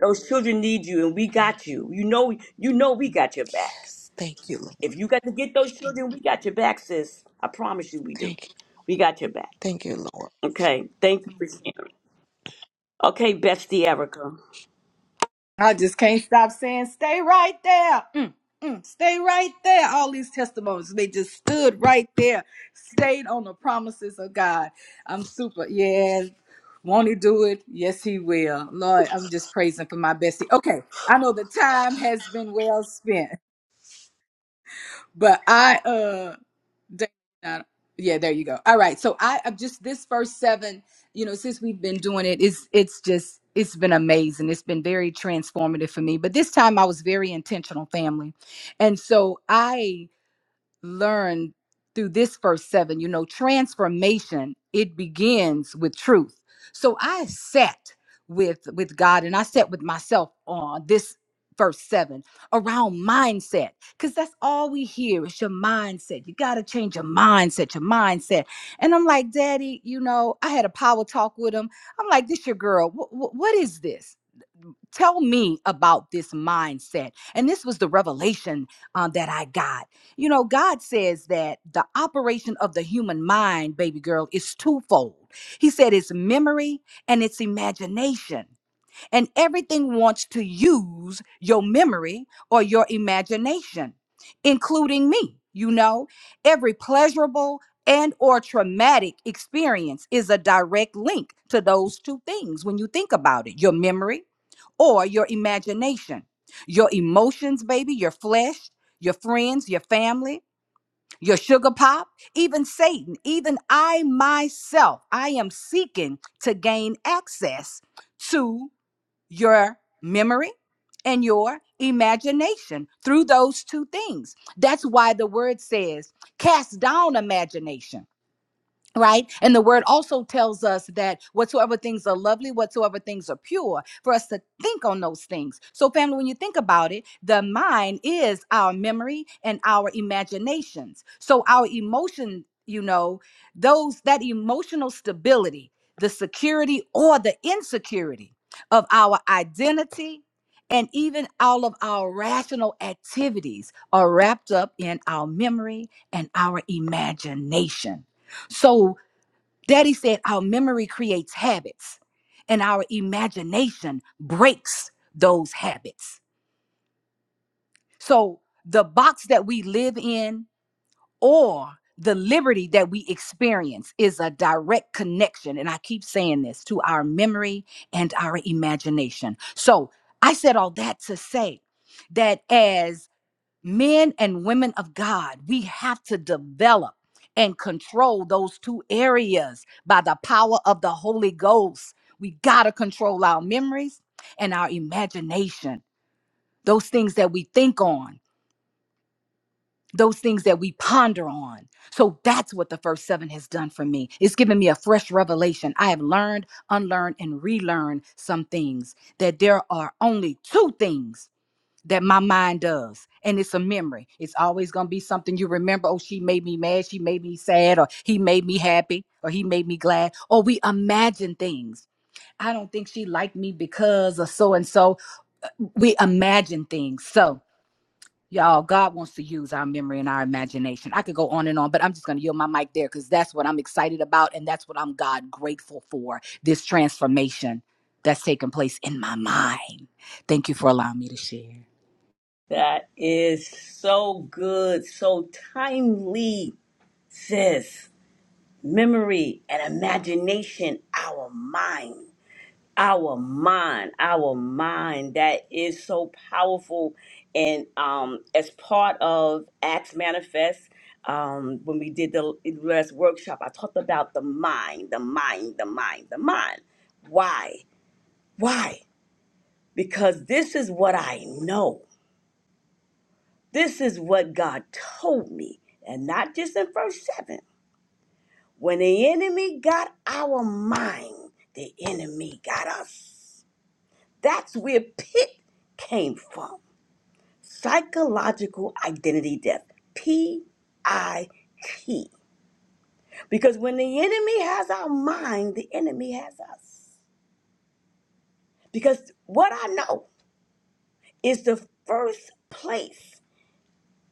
E: Those children need you, and we got you. You know, you know, we got your back.
K: Yes. Thank you, Lord.
E: If you got to get those children, we got your back, sis. I promise you, we do.
K: Thank you.
E: We got your back.
K: Thank you, Lord.
E: Okay, thank you for sharing. Okay, bestie Erica,
C: I just can't stop saying, stay right there. Mm, mm, stay right there. All these testimonies, they just stood right there, stayed on the promises of God. I'm super. Yes. Won't he do it? Yes, he will. Lord, I'm just praising for my bestie. Okay. I know the time has been well spent, but I, uh, Dana, Donna. Yeah, there you go. All right. So I I'm just this first seven, you know, since we've been doing it, it's it's just it's been amazing. It's been very transformative for me. But this time I was very intentional, family. And so I learn through this verse 7 you know transformation it begins with truth so i sat with with god and i sat with myself on this verse 7 around mindset because that's all we hear is your mindset you got to change your mindset your mindset and i'm like daddy you know i had a power talk with him i'm like this your girl Wh- wh- what is this Tell me about this mindset. And this was the revelation um, that I got. You know, God says that the operation of the human mind, baby girl, is twofold. He said it's memory and it's imagination. And everything wants to use your memory or your imagination, including me. You know, every pleasurable and or traumatic experience is a direct link to those two things when you think about it your memory or your imagination, your emotions, baby, your flesh, your friends, your family, your sugar pop, even Satan, even I myself, I am seeking to gain access to your memory and your imagination through those two things. That's why the word says, cast down imagination Right. And the word also tells us that whatsoever things are lovely, whatsoever things are pure, for us to think on those things. So, family, when you think about it, the mind is our memory and our imaginations. So, our emotion, you know, those that emotional stability, the security or the insecurity of our identity, and even all of our rational activities are wrapped up in our memory and our imagination. So, Daddy said our memory creates habits and our imagination breaks those habits. So the box that we live in or the liberty that we experience is a direct connection. And I keep saying this to our memory and our imagination. So I said all that to say that as men and women of God, we have to develop and control those two areas by the power of the Holy Ghost. We got to control our memories and our imagination, those things that we think on, those things that we ponder on. So that's what the first seven has done for me. It's given me a fresh revelation. I have learned, unlearned, and relearned some things that there are only two things that my mind does. And it's a memory. It's always going to be something you remember. Oh, she made me mad. She made me sad. Or he made me happy. Or he made me glad. Or we imagine things. I don't think she liked me because of so and so. We imagine things. So, y'all, God wants to use our memory and our imagination. I could go on and on, but I'm just going to yield my mic there because that's what I'm excited about. And that's what I'm God grateful for this transformation that's taking place in my mind. Thank you for allowing me to share.
E: that is so good, so timely, sis. Memory and imagination, our minds. our mind our mind that is so powerful and um as part of acts manifest um when we did the last workshop i talked about the mind the mind the mind the mind why why because this is what i know this is what god told me and not just in verse 7 when the enemy got our mind the enemy got us That's where PIT came from. Psychological identity death. P I T. Because when the enemy has our mind, the enemy has us. Because what I know is the first place.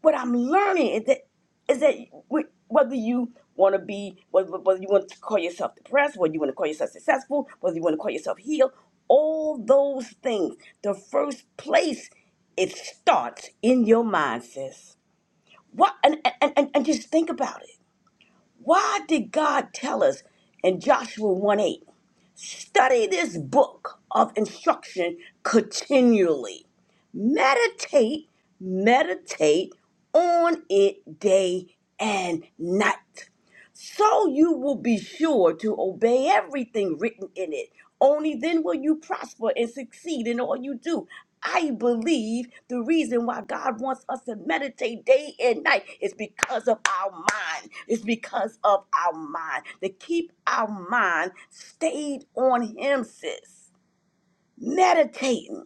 E: what I'm learning is that is that we- whether you want to be whether, whether you want to call yourself depressed, whether you want to call yourself successful, whether you want to call yourself healed, all those things. The first place it starts in your mind, sis. What and and, and, and just think about it. Why did God tell us in Joshua 1 8, study this book of instruction continually? meditate, meditate on it day and night. So you will be sure to obey everything written in it. Only then will you prosper and succeed in all you do. I believe the reason why God wants us to meditate day and night is because of our mind. It's because of our mind. To keep our mind stayed on Him, sis. Meditating.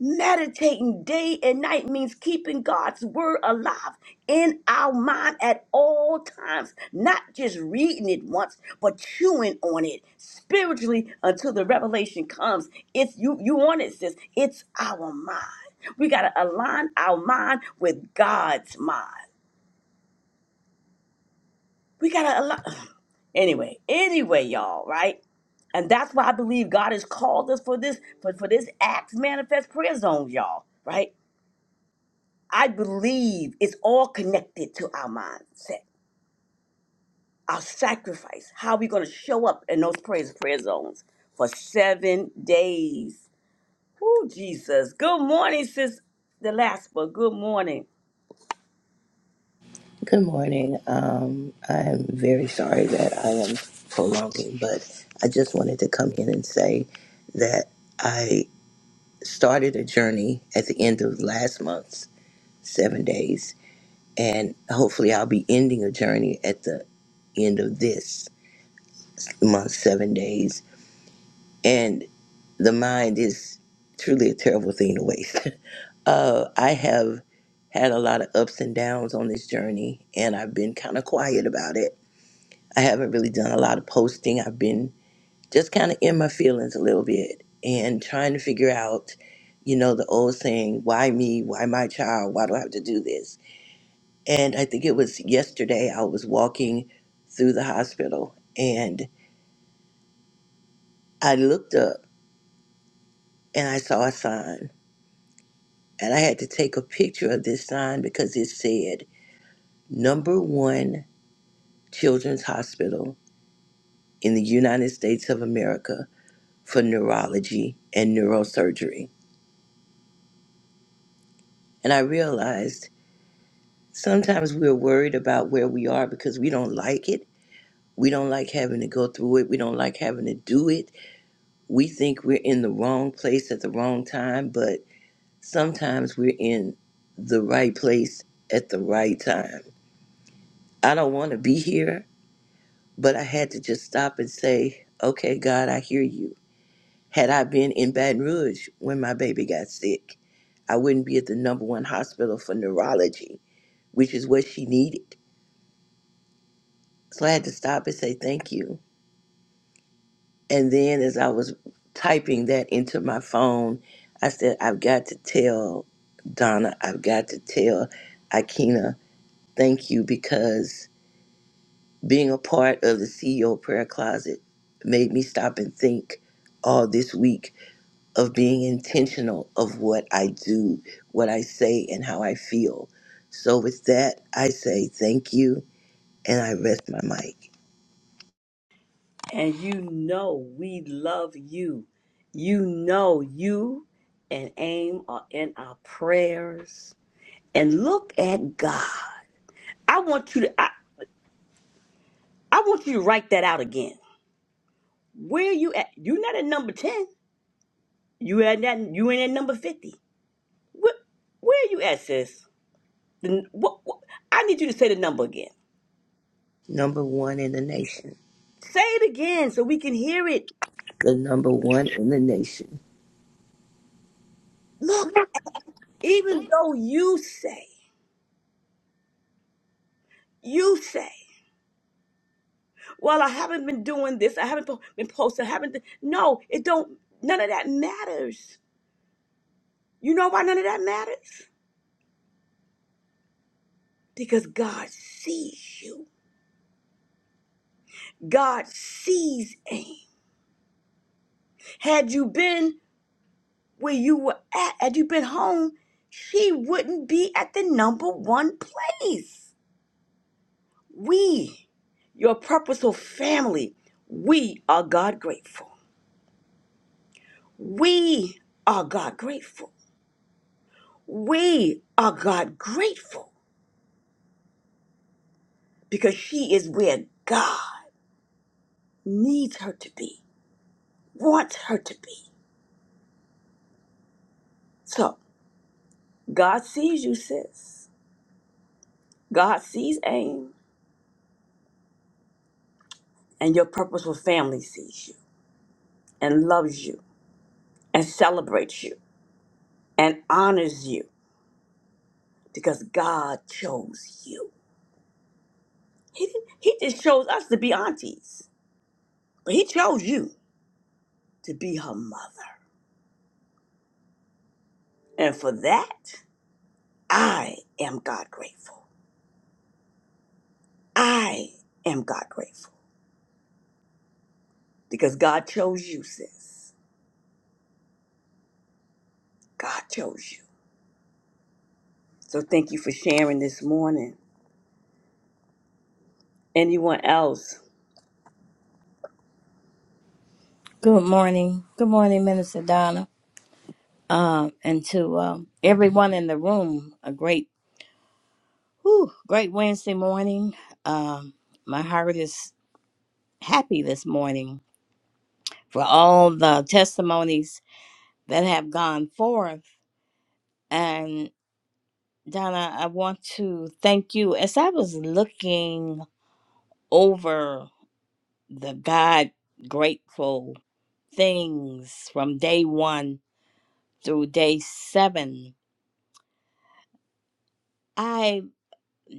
E: Meditating day and night means keeping God's word alive in our mind at all times, not just reading it once, but chewing on it spiritually until the revelation comes. It's you you want it, sis. It's our mind. We gotta align our mind with God's mind. We gotta align anyway, anyway, y'all, right? And that's why I believe God has called us for this, for, for this Acts Manifest Prayer Zone, y'all, right? I believe it's all connected to our mindset, our sacrifice, how we're going to show up in those praise prayer zones for seven days. Oh, Jesus. Good morning, sis. The last, but good morning.
L: Good morning. Um, I'm very sorry that I am prolonging, but I just wanted to come in and say that I started a journey at the end of last month's seven days, and hopefully, I'll be ending a journey at the end of this month's seven days. And the mind is truly a terrible thing to waste. uh, I have had a lot of ups and downs on this journey, and I've been kind of quiet about it I haven't really done a lot of posting. I've been just kind of in my feelings a little bit and trying to figure out, you know, the old saying, why me? Why my child? Why do I have to do this? And I think it was yesterday I was walking through the hospital and I looked up and I saw a sign. And I had to take a picture of this sign because it said, number one children's hospital in the United States of America for neurology and neurosurgery And I realized sometimes we're worried about where we are because we don't like it. We don't like having to go through it. We don't like having to do it. We think we're in the wrong place at the wrong time, but sometimes we're in the right place at the right time. I don't want to be here, but I had to just stop and say, okay, God, I hear you. Had I been in Baton Rouge when my baby got sick, I wouldn't be at the number one hospital for neurology, which is what she needed. So I had to stop and say thank you. And then as I was typing that into my phone, I said, I've got to tell Donna, I've got to tell Akina, thank you because being a part of the CEO prayer closet made me stop and think all this week of being intentional of what I do, what I say, and how I feel. So with that, I say thank you and I rest my mic.
E: And you know we love you. You know you and AIM are in our prayers. And look at God. I want you to I, I want you to write that out again. Where you at? You're not at number 10. You at that? You in at number fifty? What? Where you at, sis? The, what, what, I need you to say the number again.
L: Number one in the nation.
E: Say it again so we can hear it.
L: the number one in the nation.
E: Look, even though you say, you say, well, I haven't been doing this. I haven't po- been posting. I haven't. th-" No, it don't. None of that matters. You know why none of that matters? Because God sees you. God sees aim. Had you been where you were at had you been home she wouldn't be at the number one place we your purposeful family we are god grateful we are god grateful we are god grateful because she is where god needs her to be wants her to be so god sees you sis god sees aim and your purposeful family sees you and loves you and celebrates you and honors you because God chose you. He didn't, he just chose us to be aunties, but he chose you to be her mother. And for that, I am God grateful. I am God grateful because God chose you, sis. God chose you. So thank you for sharing this morning. Anyone else?
M: Good morning. Good morning, Minister Donna. Um, and to um, everyone in the room, a great, whew, great Wednesday morning. Um, my heart is happy this morning for all the testimonies that have gone forth. And Donna, I want to thank you. As I was looking over the God grateful things from day one through day seven,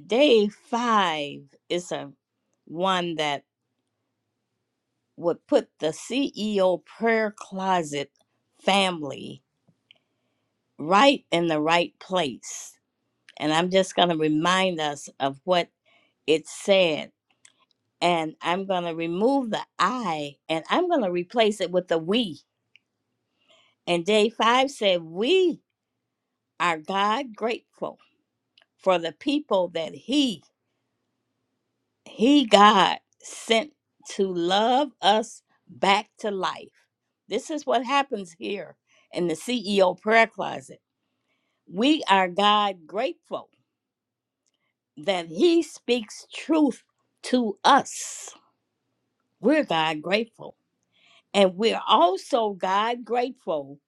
M: Day five is a one that would put the CEO prayer closet family right in the right place. And I'm just going to remind us of what it said. And I'm going to remove the I and I'm going to replace it with the we. And day five said, We are God grateful for the people that He he God sent to love us back to life. This is what happens here in the CEO prayer closet. We are God grateful that he speaks truth to us. We're God grateful. And we're also God grateful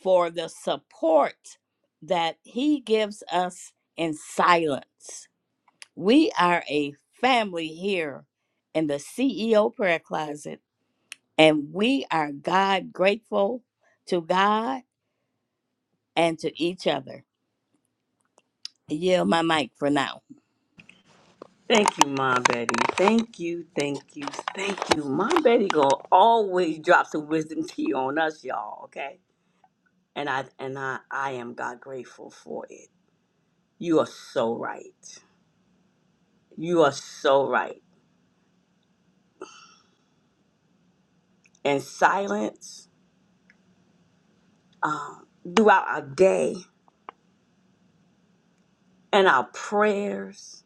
M: for the support that he gives us in silence. We are a family here in the CEO prayer closet And we are God grateful to God and to each other. I Yield my mic for now.
E: Thank you, Mom Betty. Thank you, thank you, thank you. Mom Betty gonna always drop some wisdom tea on us, y'all, okay? and I and I, I am God grateful for it. You are so right. You are so right. And silence um, throughout our day and our prayers.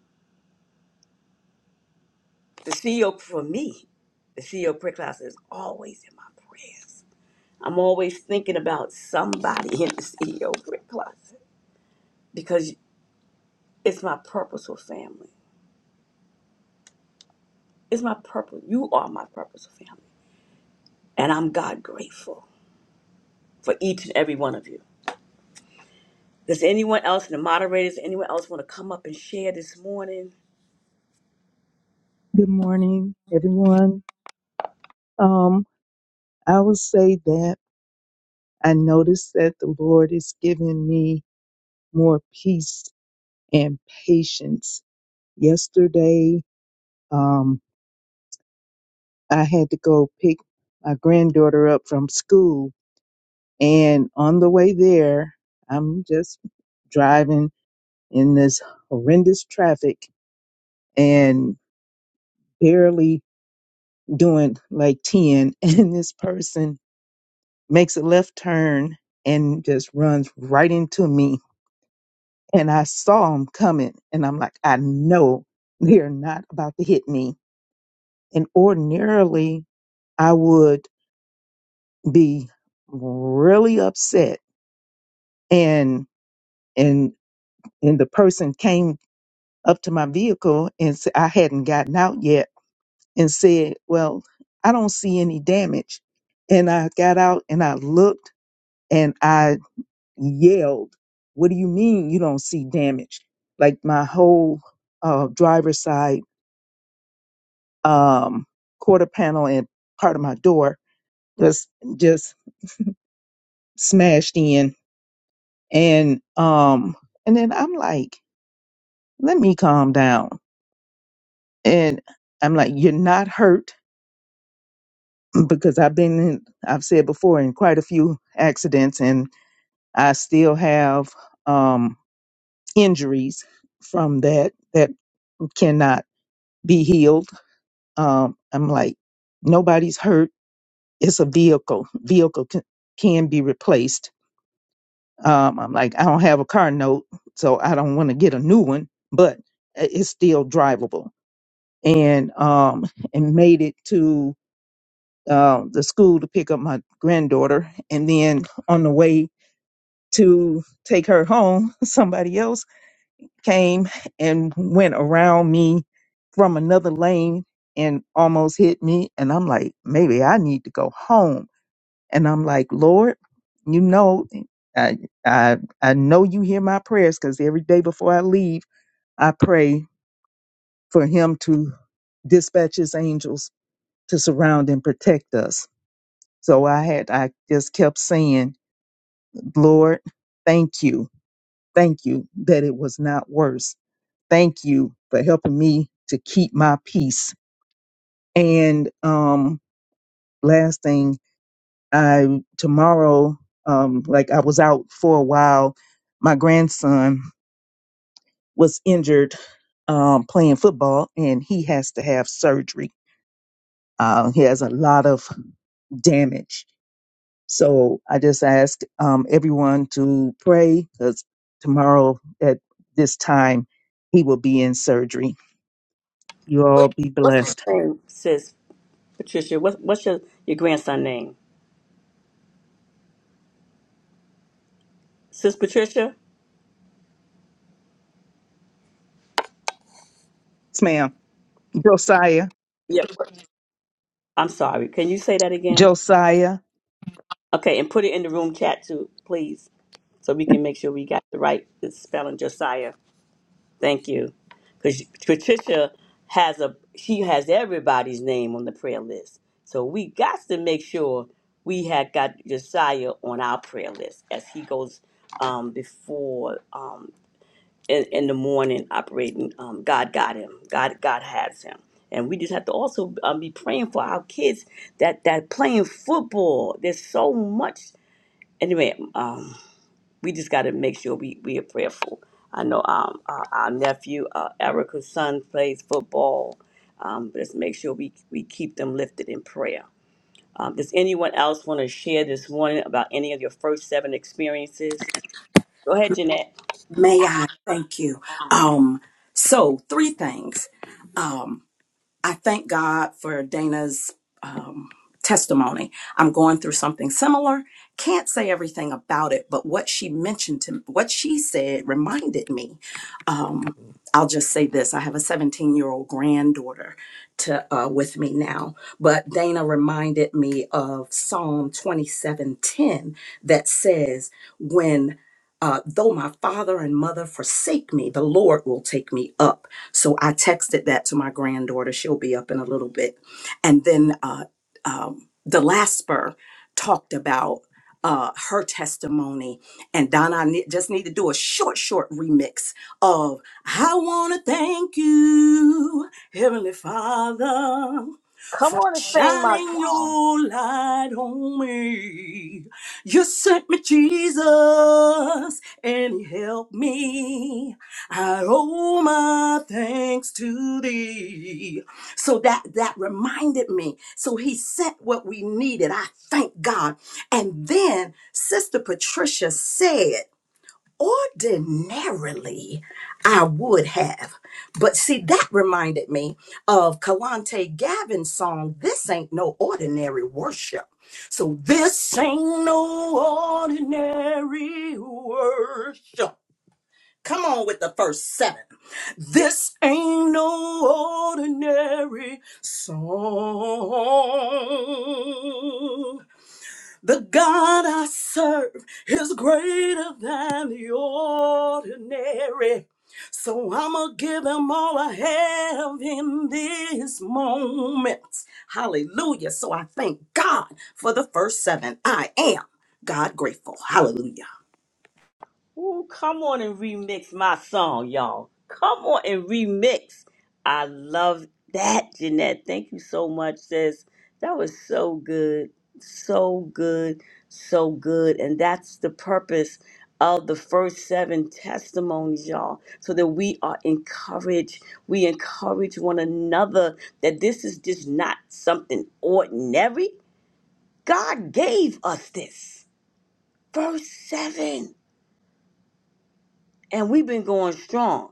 E: The CEO for me, the CEO prayer class is always in my prayers. I'm always thinking about somebody in the CEO prayer closet because it's my purposeful family. It's my purpose. You are my purposeful family. And I'm God grateful for each and every one of you. Does anyone else, in the moderators, anyone else want to come up and share this morning?
N: Good morning, everyone. Um, I will say that I noticed that the Lord is giving me more peace and patience. Yesterday, um, I had to go pick my granddaughter up from school, and on the way there, I'm just driving in this horrendous traffic and barely doing like 10, and this person makes a left turn and just runs right into me. And I saw him coming, and I'm like, I know they're not about to hit me. And ordinarily, I would be really upset. And and and the person came up to my vehicle and said I hadn't gotten out yet, and said, "Well, I don't see any damage." And I got out and I looked, and I yelled, What do you mean you don't see damage? Like my whole uh, driver's side um, quarter panel and part of my door was just smashed in. And um, and then I'm like, let me calm down. And I'm like, you're not hurt because I've been in, I've said before in quite a few accidents and I still have um injuries from that that cannot be healed Um, I'm like, nobody's hurt. It's a vehicle. Vehicle can, can be replaced. Um, I'm like, I don't have a car note, so I don't want to get a new one, but i- it's still drivable. And um, and made it to uh, the school to pick up my granddaughter, and then on the way to take her home, somebody else came and went around me from another lane and almost hit me. And I'm like, maybe I need to go home. And I'm like, Lord, you know, I I I know you hear my prayers because every day before I leave, I pray for him to dispatch his angels to surround and protect us. So I had I just kept saying, Lord, thank you. Thank you that it was not worse. thank you for helping me to keep my peace. And um, last thing, I tomorrow, um, like I was out for a while. My grandson was injured um, playing football, and he has to have surgery. Uh, he has a lot of damage. So I just ask um, everyone to pray because tomorrow at this time he will be in surgery. You all be
E: What's his
N: blessed.
E: name, sis Patricia? What, what's your, your grandson name, sis Patricia?
N: Yes, ma'am. Josiah.
E: Yep. I'm sorry. Can you say that again?
N: Josiah
E: Okay, and put it in the room chat too, please, so we can make sure we got the right spelling, Josiah. Thank you. Because Patricia has a she has everybody's name on the prayer list. So we got to make sure we had got Josiah on our prayer list as he goes um, before um, in, in the morning operating. Um, God got him. God God has him. And we just have to also um, be praying for our kids that that playing football. There's so much. Anyway, um, we just got to make sure we, we are prayerful. I know um, our, our nephew, uh, Erica's son, plays football. Um, let's make sure we, we keep them lifted in prayer. Um, does anyone else want to share this morning about any of your first seven experiences? Go ahead, Jeanette.
B: May I thank you? Um, so three things. Um, I thank God for Dana's um, testimony. I'm going through something similar. Can't say everything about it, but what she mentioned to what she said reminded me. Um, I'll just say this: I have a 17 year old granddaughter to uh, with me now, but Dana reminded me of Psalm 27:10 that says, "When uh, though my father and mother forsake me, the Lord will take me up." So I texted that to my granddaughter. She'll be up in a little bit. And then uh, um, the last talked about uh, her testimony. And Donna, I ne- just need to do a short, short remix of I want to thank you, Heavenly Father
E: Come on and sing, my
B: shining your light on me. You sent me Jesus and he helped me. I owe my thanks to thee. So that that reminded me. So he sent what we needed. I thank God. And then Sister Patricia said ordinarily I would have. But see, that reminded me of Kalante Gavin's song, This Ain't No Ordinary Worship. So, this ain't no ordinary worship. Come on with the first seven. This ain't no ordinary song. The God I serve is greater than the ordinary. So I'ma give him all I have in this moment. Hallelujah. So I thank God for the first seven. I am God grateful. Hallelujah.
E: Ooh, come on and remix my song, y'all. Come on and remix. I love that, Jeanette. Thank you so much, sis. That was so good. So good. So good. And that's the purpose of the first seven testimonies, y'all, so that we are encouraged. We encourage one another that this is just not something ordinary. God gave us this. Verse 7. And we've been going strong.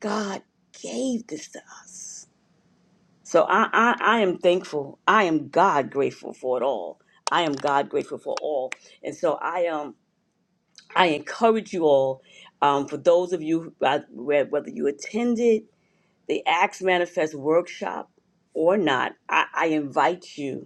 E: God gave this to us. So I, I, I am thankful. I am God grateful for it all. I am God grateful for all. And so I um I encourage you all, um, for those of you who, uh, whe- whether you attended the Acts Manifest workshop or not, I, I invite you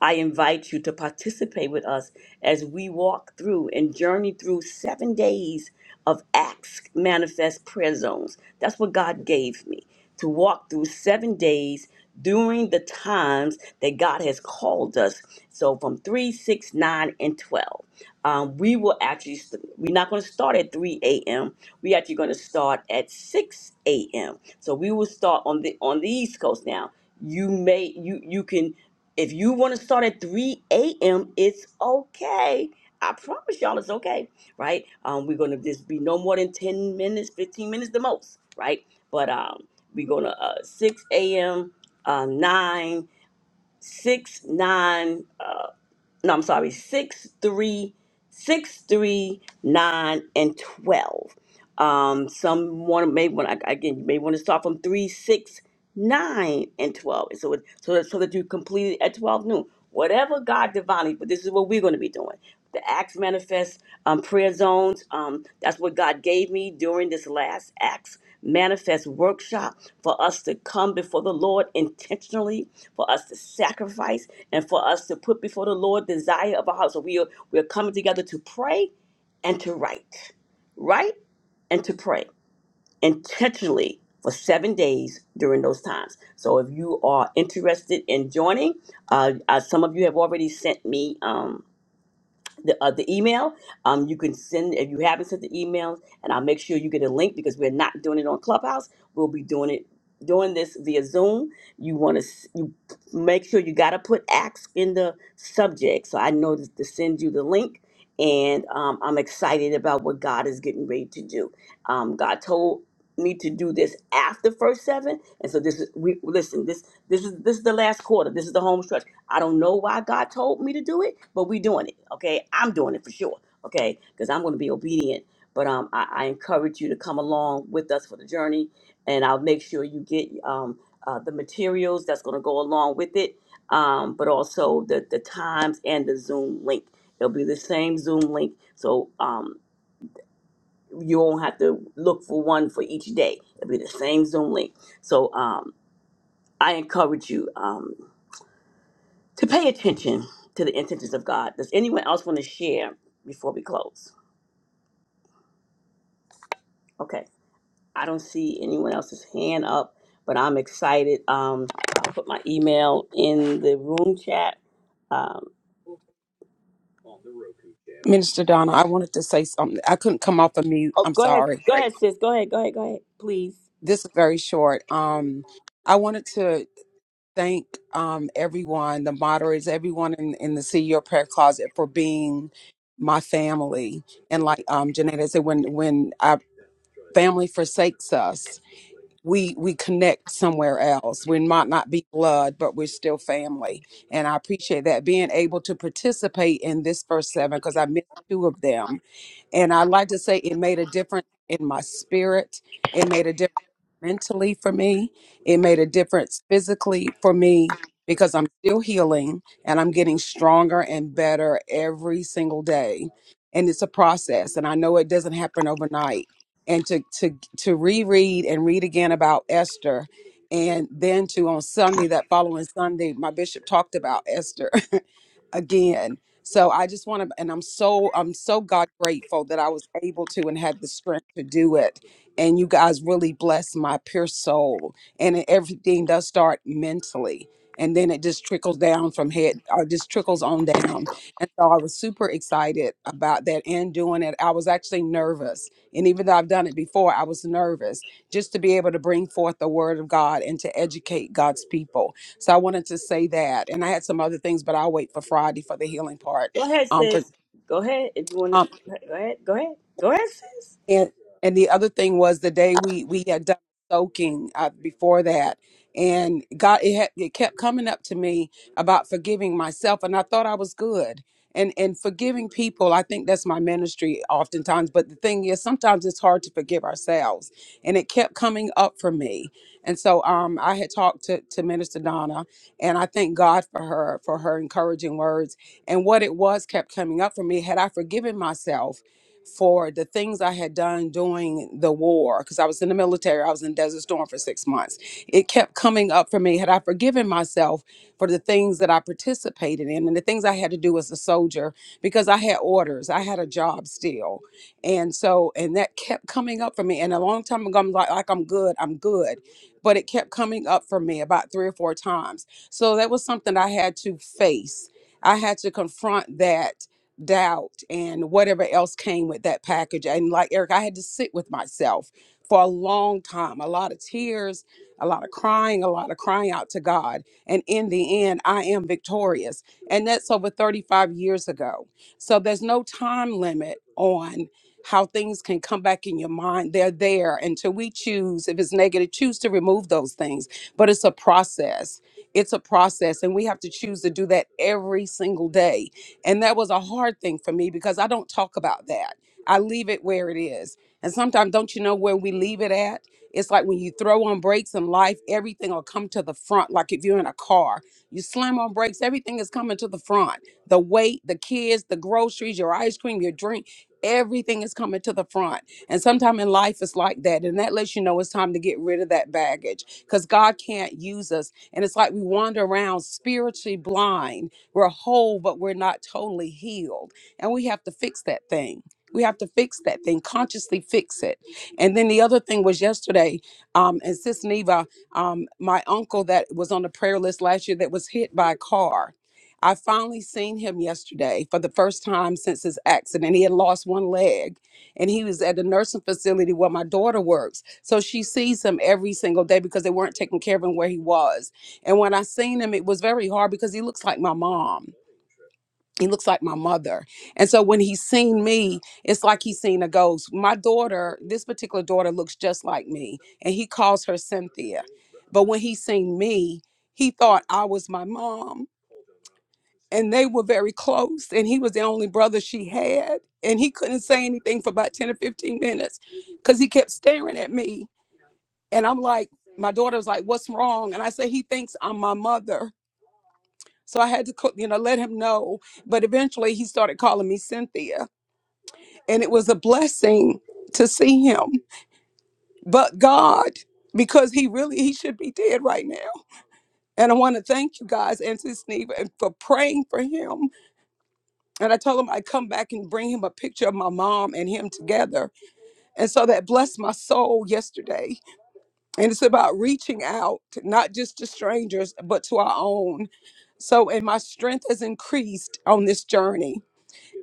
E: I invite you to participate with us as we walk through and journey through seven days of Acts Manifest Prayer Zones. That's what God gave me to walk through seven days during the times that God has called us. So from 3, 6, 9, and 12. Um, we will actually, st- we're not going to start at 3 a.m. We're actually going to start at 6 a.m. So we will start on the on the East Coast now. You may you you can if you want to start at 3 a.m., it's okay. I promise y'all it's okay, right? Um, we're going to just be no more than 10 minutes, 15 minutes the most, right? But um, we're going to uh, 6 a.m., uh, 9, six, nine no, I'm sorry, 6, 3, 6, 3, 9, and 12. Um, some want to, may want, to again, you may want to start from 3, 6, nine, and 12. so, it, so, that, so that you complete it at 12 noon. Whatever God divinely, but this is what we're going to be doing. The Acts Manifest um, Prayer Zones, um, that's what God gave me during this last Acts Manifest workshop for us to come before the Lord intentionally, for us to sacrifice and for us to put before the Lord desire of our hearts. So we are we're coming together to pray and to write, write and to pray intentionally for seven days during those times. So if you are interested in joining, uh, uh, some of you have already sent me. Um, the, uh, the email. Um, you can send if you haven't sent the emails, and I'll make sure you get a link because we're not doing it on Clubhouse. We'll be doing it doing this via Zoom. You want to you make sure you got to put ask in the subject, so I know to, to send you the link. And um, I'm excited about what God is getting ready to do. Um, God told me to do this after first seven, and so this is we listen. This this is this is the last quarter. This is the home stretch I don't know why God told me to do it, but we doing it. Okay, I'm doing it for sure. Okay, because I'm going to be obedient. But um, I, I encourage you to come along with us for the journey, and I'll make sure you get um uh, the materials that's going to go along with it. Um, but also the the times and the Zoom link. It'll be the same Zoom link, so um you won't have to look for one for each day. It'll be the same Zoom link. So um, I encourage you. Um, to pay attention to the intentions of God. Does anyone else want to share before we close? Okay, I don't see anyone else's hand up, but I'm excited. Um, I'll put my email in the room chat. Um,
G: Minister Donna, I wanted to say something. I couldn't come off of mute.
E: oh,
G: I'm
E: go ahead,
G: sorry.
E: go ahead, sis. Go ahead, go ahead, go ahead, please.
G: This is very short. Um, I wanted to thank um, everyone, the moderators, everyone in, in the CEO Prayer Closet for being my family. And like um, Janetta said, when when our family forsakes us, we we connect somewhere else. We might not be blood, but we're still family. And I appreciate that being able to participate in this first seven because I missed two of them. And I'd like to say it made a difference in my spirit. It made a difference mentally for me. It made a difference physically for me because I'm still healing and I'm getting stronger and better every single day. And it's a process. And I know it doesn't happen overnight and to to to reread and read again about Esther, and then to on Sunday that following Sunday, my bishop talked about Esther again. So I just want to, and I'm so I'm so God grateful that I was able to and had the strength to do it. And you guys really bless my pure soul. And it- everything does start mentally, and then it just trickles down from head, or just trickles on down. And so I was super excited about that and doing it. I was actually nervous, and even though I've done it before, I was nervous just to be able to bring forth the word of God and to educate God's people so I wanted to say that, and I had some other things, but I'll wait for Friday for the healing part.
E: Go ahead,
G: Um, for
E: sis. Go ahead if you want.
G: um,
E: to. Go ahead, go ahead, go ahead, sis.
G: And and the other thing was the day we we had done soaking uh, before that, and God it had, it kept coming up to me about forgiving myself, and I thought I was good. And, and forgiving people, I think that's my ministry oftentimes. But the thing is, sometimes it's hard to forgive ourselves. And it kept coming up for me. And so um, I had talked to, to Minister Donna, and I thank God for her, for her encouraging words. And what it was kept coming up for me had I forgiven myself, for the things I had done during the war because I was in the military. I was in Desert Storm for six months. It kept coming up for me. Had I forgiven myself for the things that I participated in and the things I had to do as a soldier because I had orders, I had a job still. And so, and that kept coming up for me. And a long time ago, I'm like, like I'm good, I'm good. But it kept coming up for me about three or four times. So that was something I had to face. I had to confront that doubt and whatever else came with that package. And like Eric, I had to sit with myself for a long time, a lot of tears, a lot of crying, a lot of crying out to God. And in the end, I am victorious. And that's over 35 years ago. So there's no time limit on how things can come back in your mind. They're there until we choose, if it's negative, choose to remove those things. But it's a process. It's a process. And we have to choose to do that every single day and that was a hard thing for me because I don't talk about that. I leave it where it is. And sometimes, don't you know where we leave it at? It's like when you throw on brakes in life, everything will come to the front. Like if you're in a car, you slam on brakes, everything is coming to the front. The weight, the kids, the groceries, your ice cream, your drink, everything is coming to the front. And sometimes in life, it's like that. And that lets you know it's time to get rid of that baggage because God can't use us. And it's like we wander around spiritually blind we're whole, but we're not totally healed. And we have to fix that thing. We have to fix that thing, consciously fix it. And then the other thing was yesterday, um, and Sis Neva, um, my uncle that was on the prayer list last year that was hit by a car. I finally seen him yesterday for the first time since his accident. He had lost one leg and he was at the nursing facility where my daughter works. So she sees him every single day because they weren't taking care of him where he was. And when I seen him, it was very hard because he looks like my mom. He looks like my mother. And so when he seen me, it's like he seen a ghost. My daughter, this particular daughter, looks just like me, and he calls her Cynthia. But when he seen me, he thought I was my mom. And they were very close, and he was the only brother she had. And he couldn't say anything for about 10 or 15 minutes because he kept staring at me. And I'm like, my daughter was like, What's wrong? And I said, He thinks I'm my mother. So I had to, co- you know, let him know. But eventually he started calling me Cynthia. And it was a blessing to see him. But God, because he really, he should be dead right now. And I want to thank you guys and to Steve and for praying for him. And I told him I'd come back and bring him a picture of my mom and him together. And so that blessed my soul yesterday. And it's about reaching out, not just to strangers, but to our own. So, and my strength has increased on this journey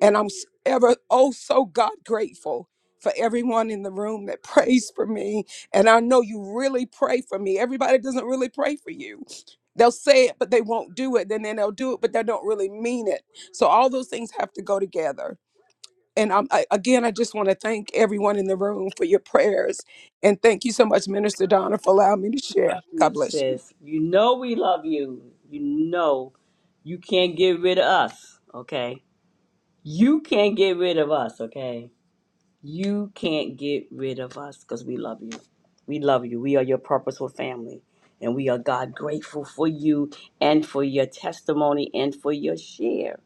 G: And I'm s- ever oh so God grateful for everyone in the room that prays for me. And I know you really pray for me. Everybody doesn't really pray for you. They'll say it, but they won't do it. And then they'll do it, but they don't really mean it. So all those things have to go together. And I'm, I, again, I just want to thank everyone in the room for your prayers. And thank you so much, Minister Donna, for allowing me to share.
E: You,
G: God bless you.
E: sis, you know we love you. You know you can't get rid of us. Okay, you can't get rid of us. Okay. You can't get rid of us because we love you. We love you. We are your purposeful family. And we are, God, grateful for you and for your testimony and for your share.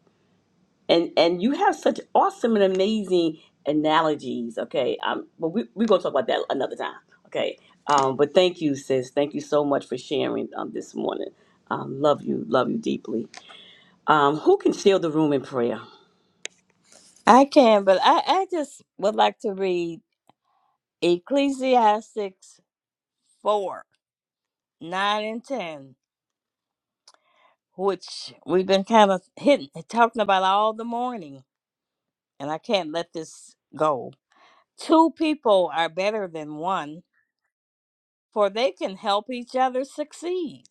E: And and you have such awesome and amazing analogies, okay? Um, but we, we're going to talk about that another time, okay? Um, but thank you, sis. Thank you so much for sharing um, this morning. Um, love you. Love you deeply. Um, who can seal the room in prayer?
M: I can, but I, I just would like to read Ecclesiastes 4 9 and 10, which we've been kind of hitting, talking about all the morning, and I can't let this go. Two people are better than one, for they can help each other succeed.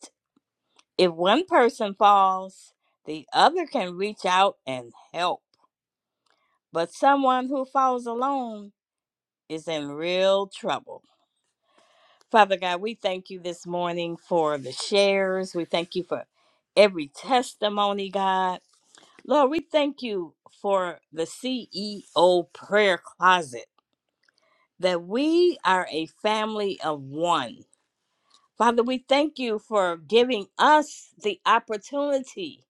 M: If one person falls, the other can reach out and help. But someone who falls alone is in real trouble. Father God, we thank you this morning for the shares. We thank you for every testimony, God. Lord, we thank you for the CEO prayer closet, that we are a family of one. Father, we thank you for giving us the opportunity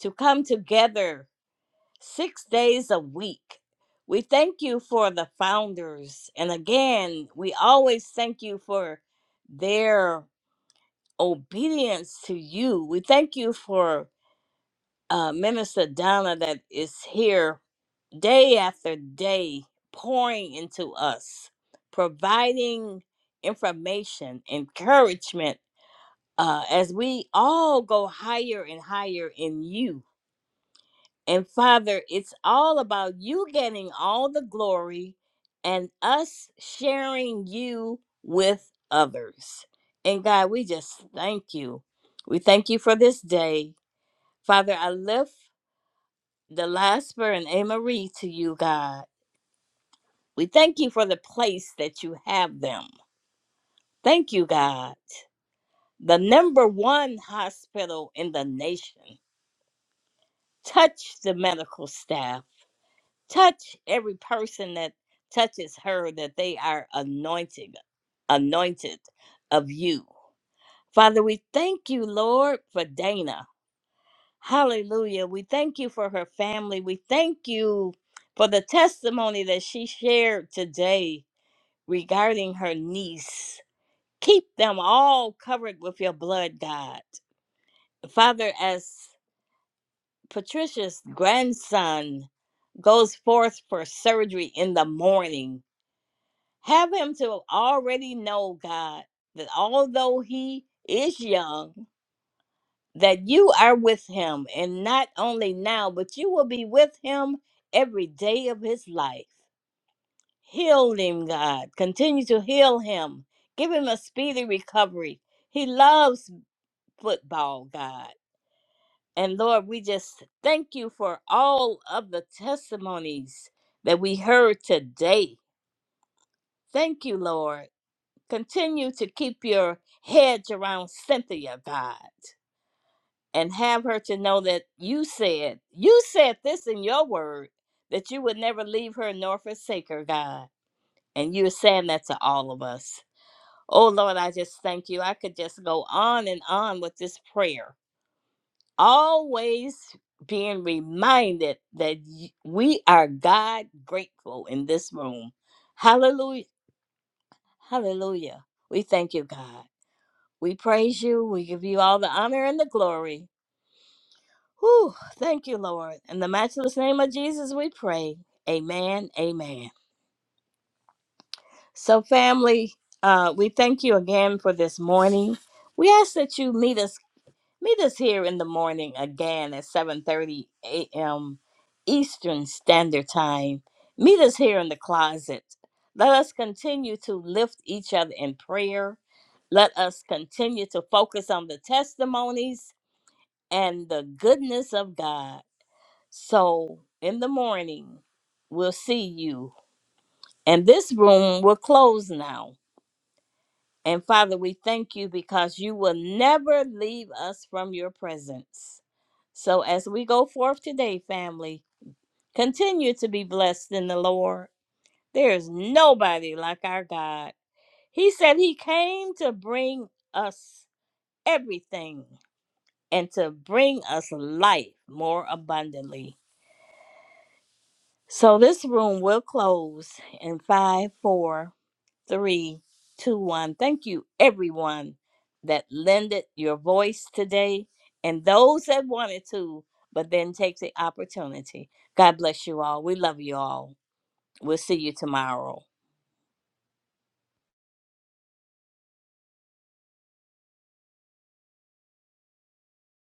M: to come together six days a week. We thank you for the founders. And again, we always thank you for their obedience to you. We thank you for uh, Minister Donna that is here day after day, pouring into us, providing information, encouragement uh, as we all go higher and higher in you. And Father, it's all about you getting all the glory and us sharing you with others. And God, we just thank you. We thank you for this day. Father, I lift the Lasper and Amarie to you, God. We thank you for the place that you have them. Thank you, God. The number one hospital in the nation. Touch the medical staff touch every person that touches her that they are anointed anointed of you father we thank you lord for dana hallelujah we thank you for her family we thank you for the testimony that she shared today regarding her niece keep them all covered with your blood god father as patricia's grandson goes forth for surgery in the morning Have him to already know, God, that although he is young, that you are with him. And not only now, but you will be with him every day of his life. Heal him, God. Continue to heal him. Give him a speedy recovery. He loves football, God. And Lord, we just thank you for all of the testimonies that we heard today. Thank you, Lord. Continue to keep your hedge around Cynthia, God, and have her to know that you said, you said this in your word, that you would never leave her nor forsake her, God. And you're saying that to all of us. Oh, Lord, I just thank you. I could just go on and on with this prayer. Always being reminded that y- we are God grateful in this room. Hallelujah. Hallelujah. We thank you, God. We praise you. We give you all the honor and the glory. Whew, thank you, Lord. In the matchless name of Jesus, we pray. Amen. Amen. So, family, uh, we thank you again for this morning. We ask that you meet us meet us here in the morning again at 7:30 a.m. Eastern Standard Time. Meet us here in the closet. Let us continue to lift each other in prayer. Let us continue to focus on the testimonies and the goodness of God. So in the morning, we'll see you. And this room will close now. And Father, we thank you because you will never leave us from your presence. So as we go forth today, family, continue to be blessed in the Lord. There is nobody like our God. He said he came to bring us everything and to bring us life more abundantly. So this room will close in five, four, three, two, one. Thank you, everyone that lended your voice today and those that wanted to, but then take the opportunity. God bless you all. We love you all. We'll see you tomorrow.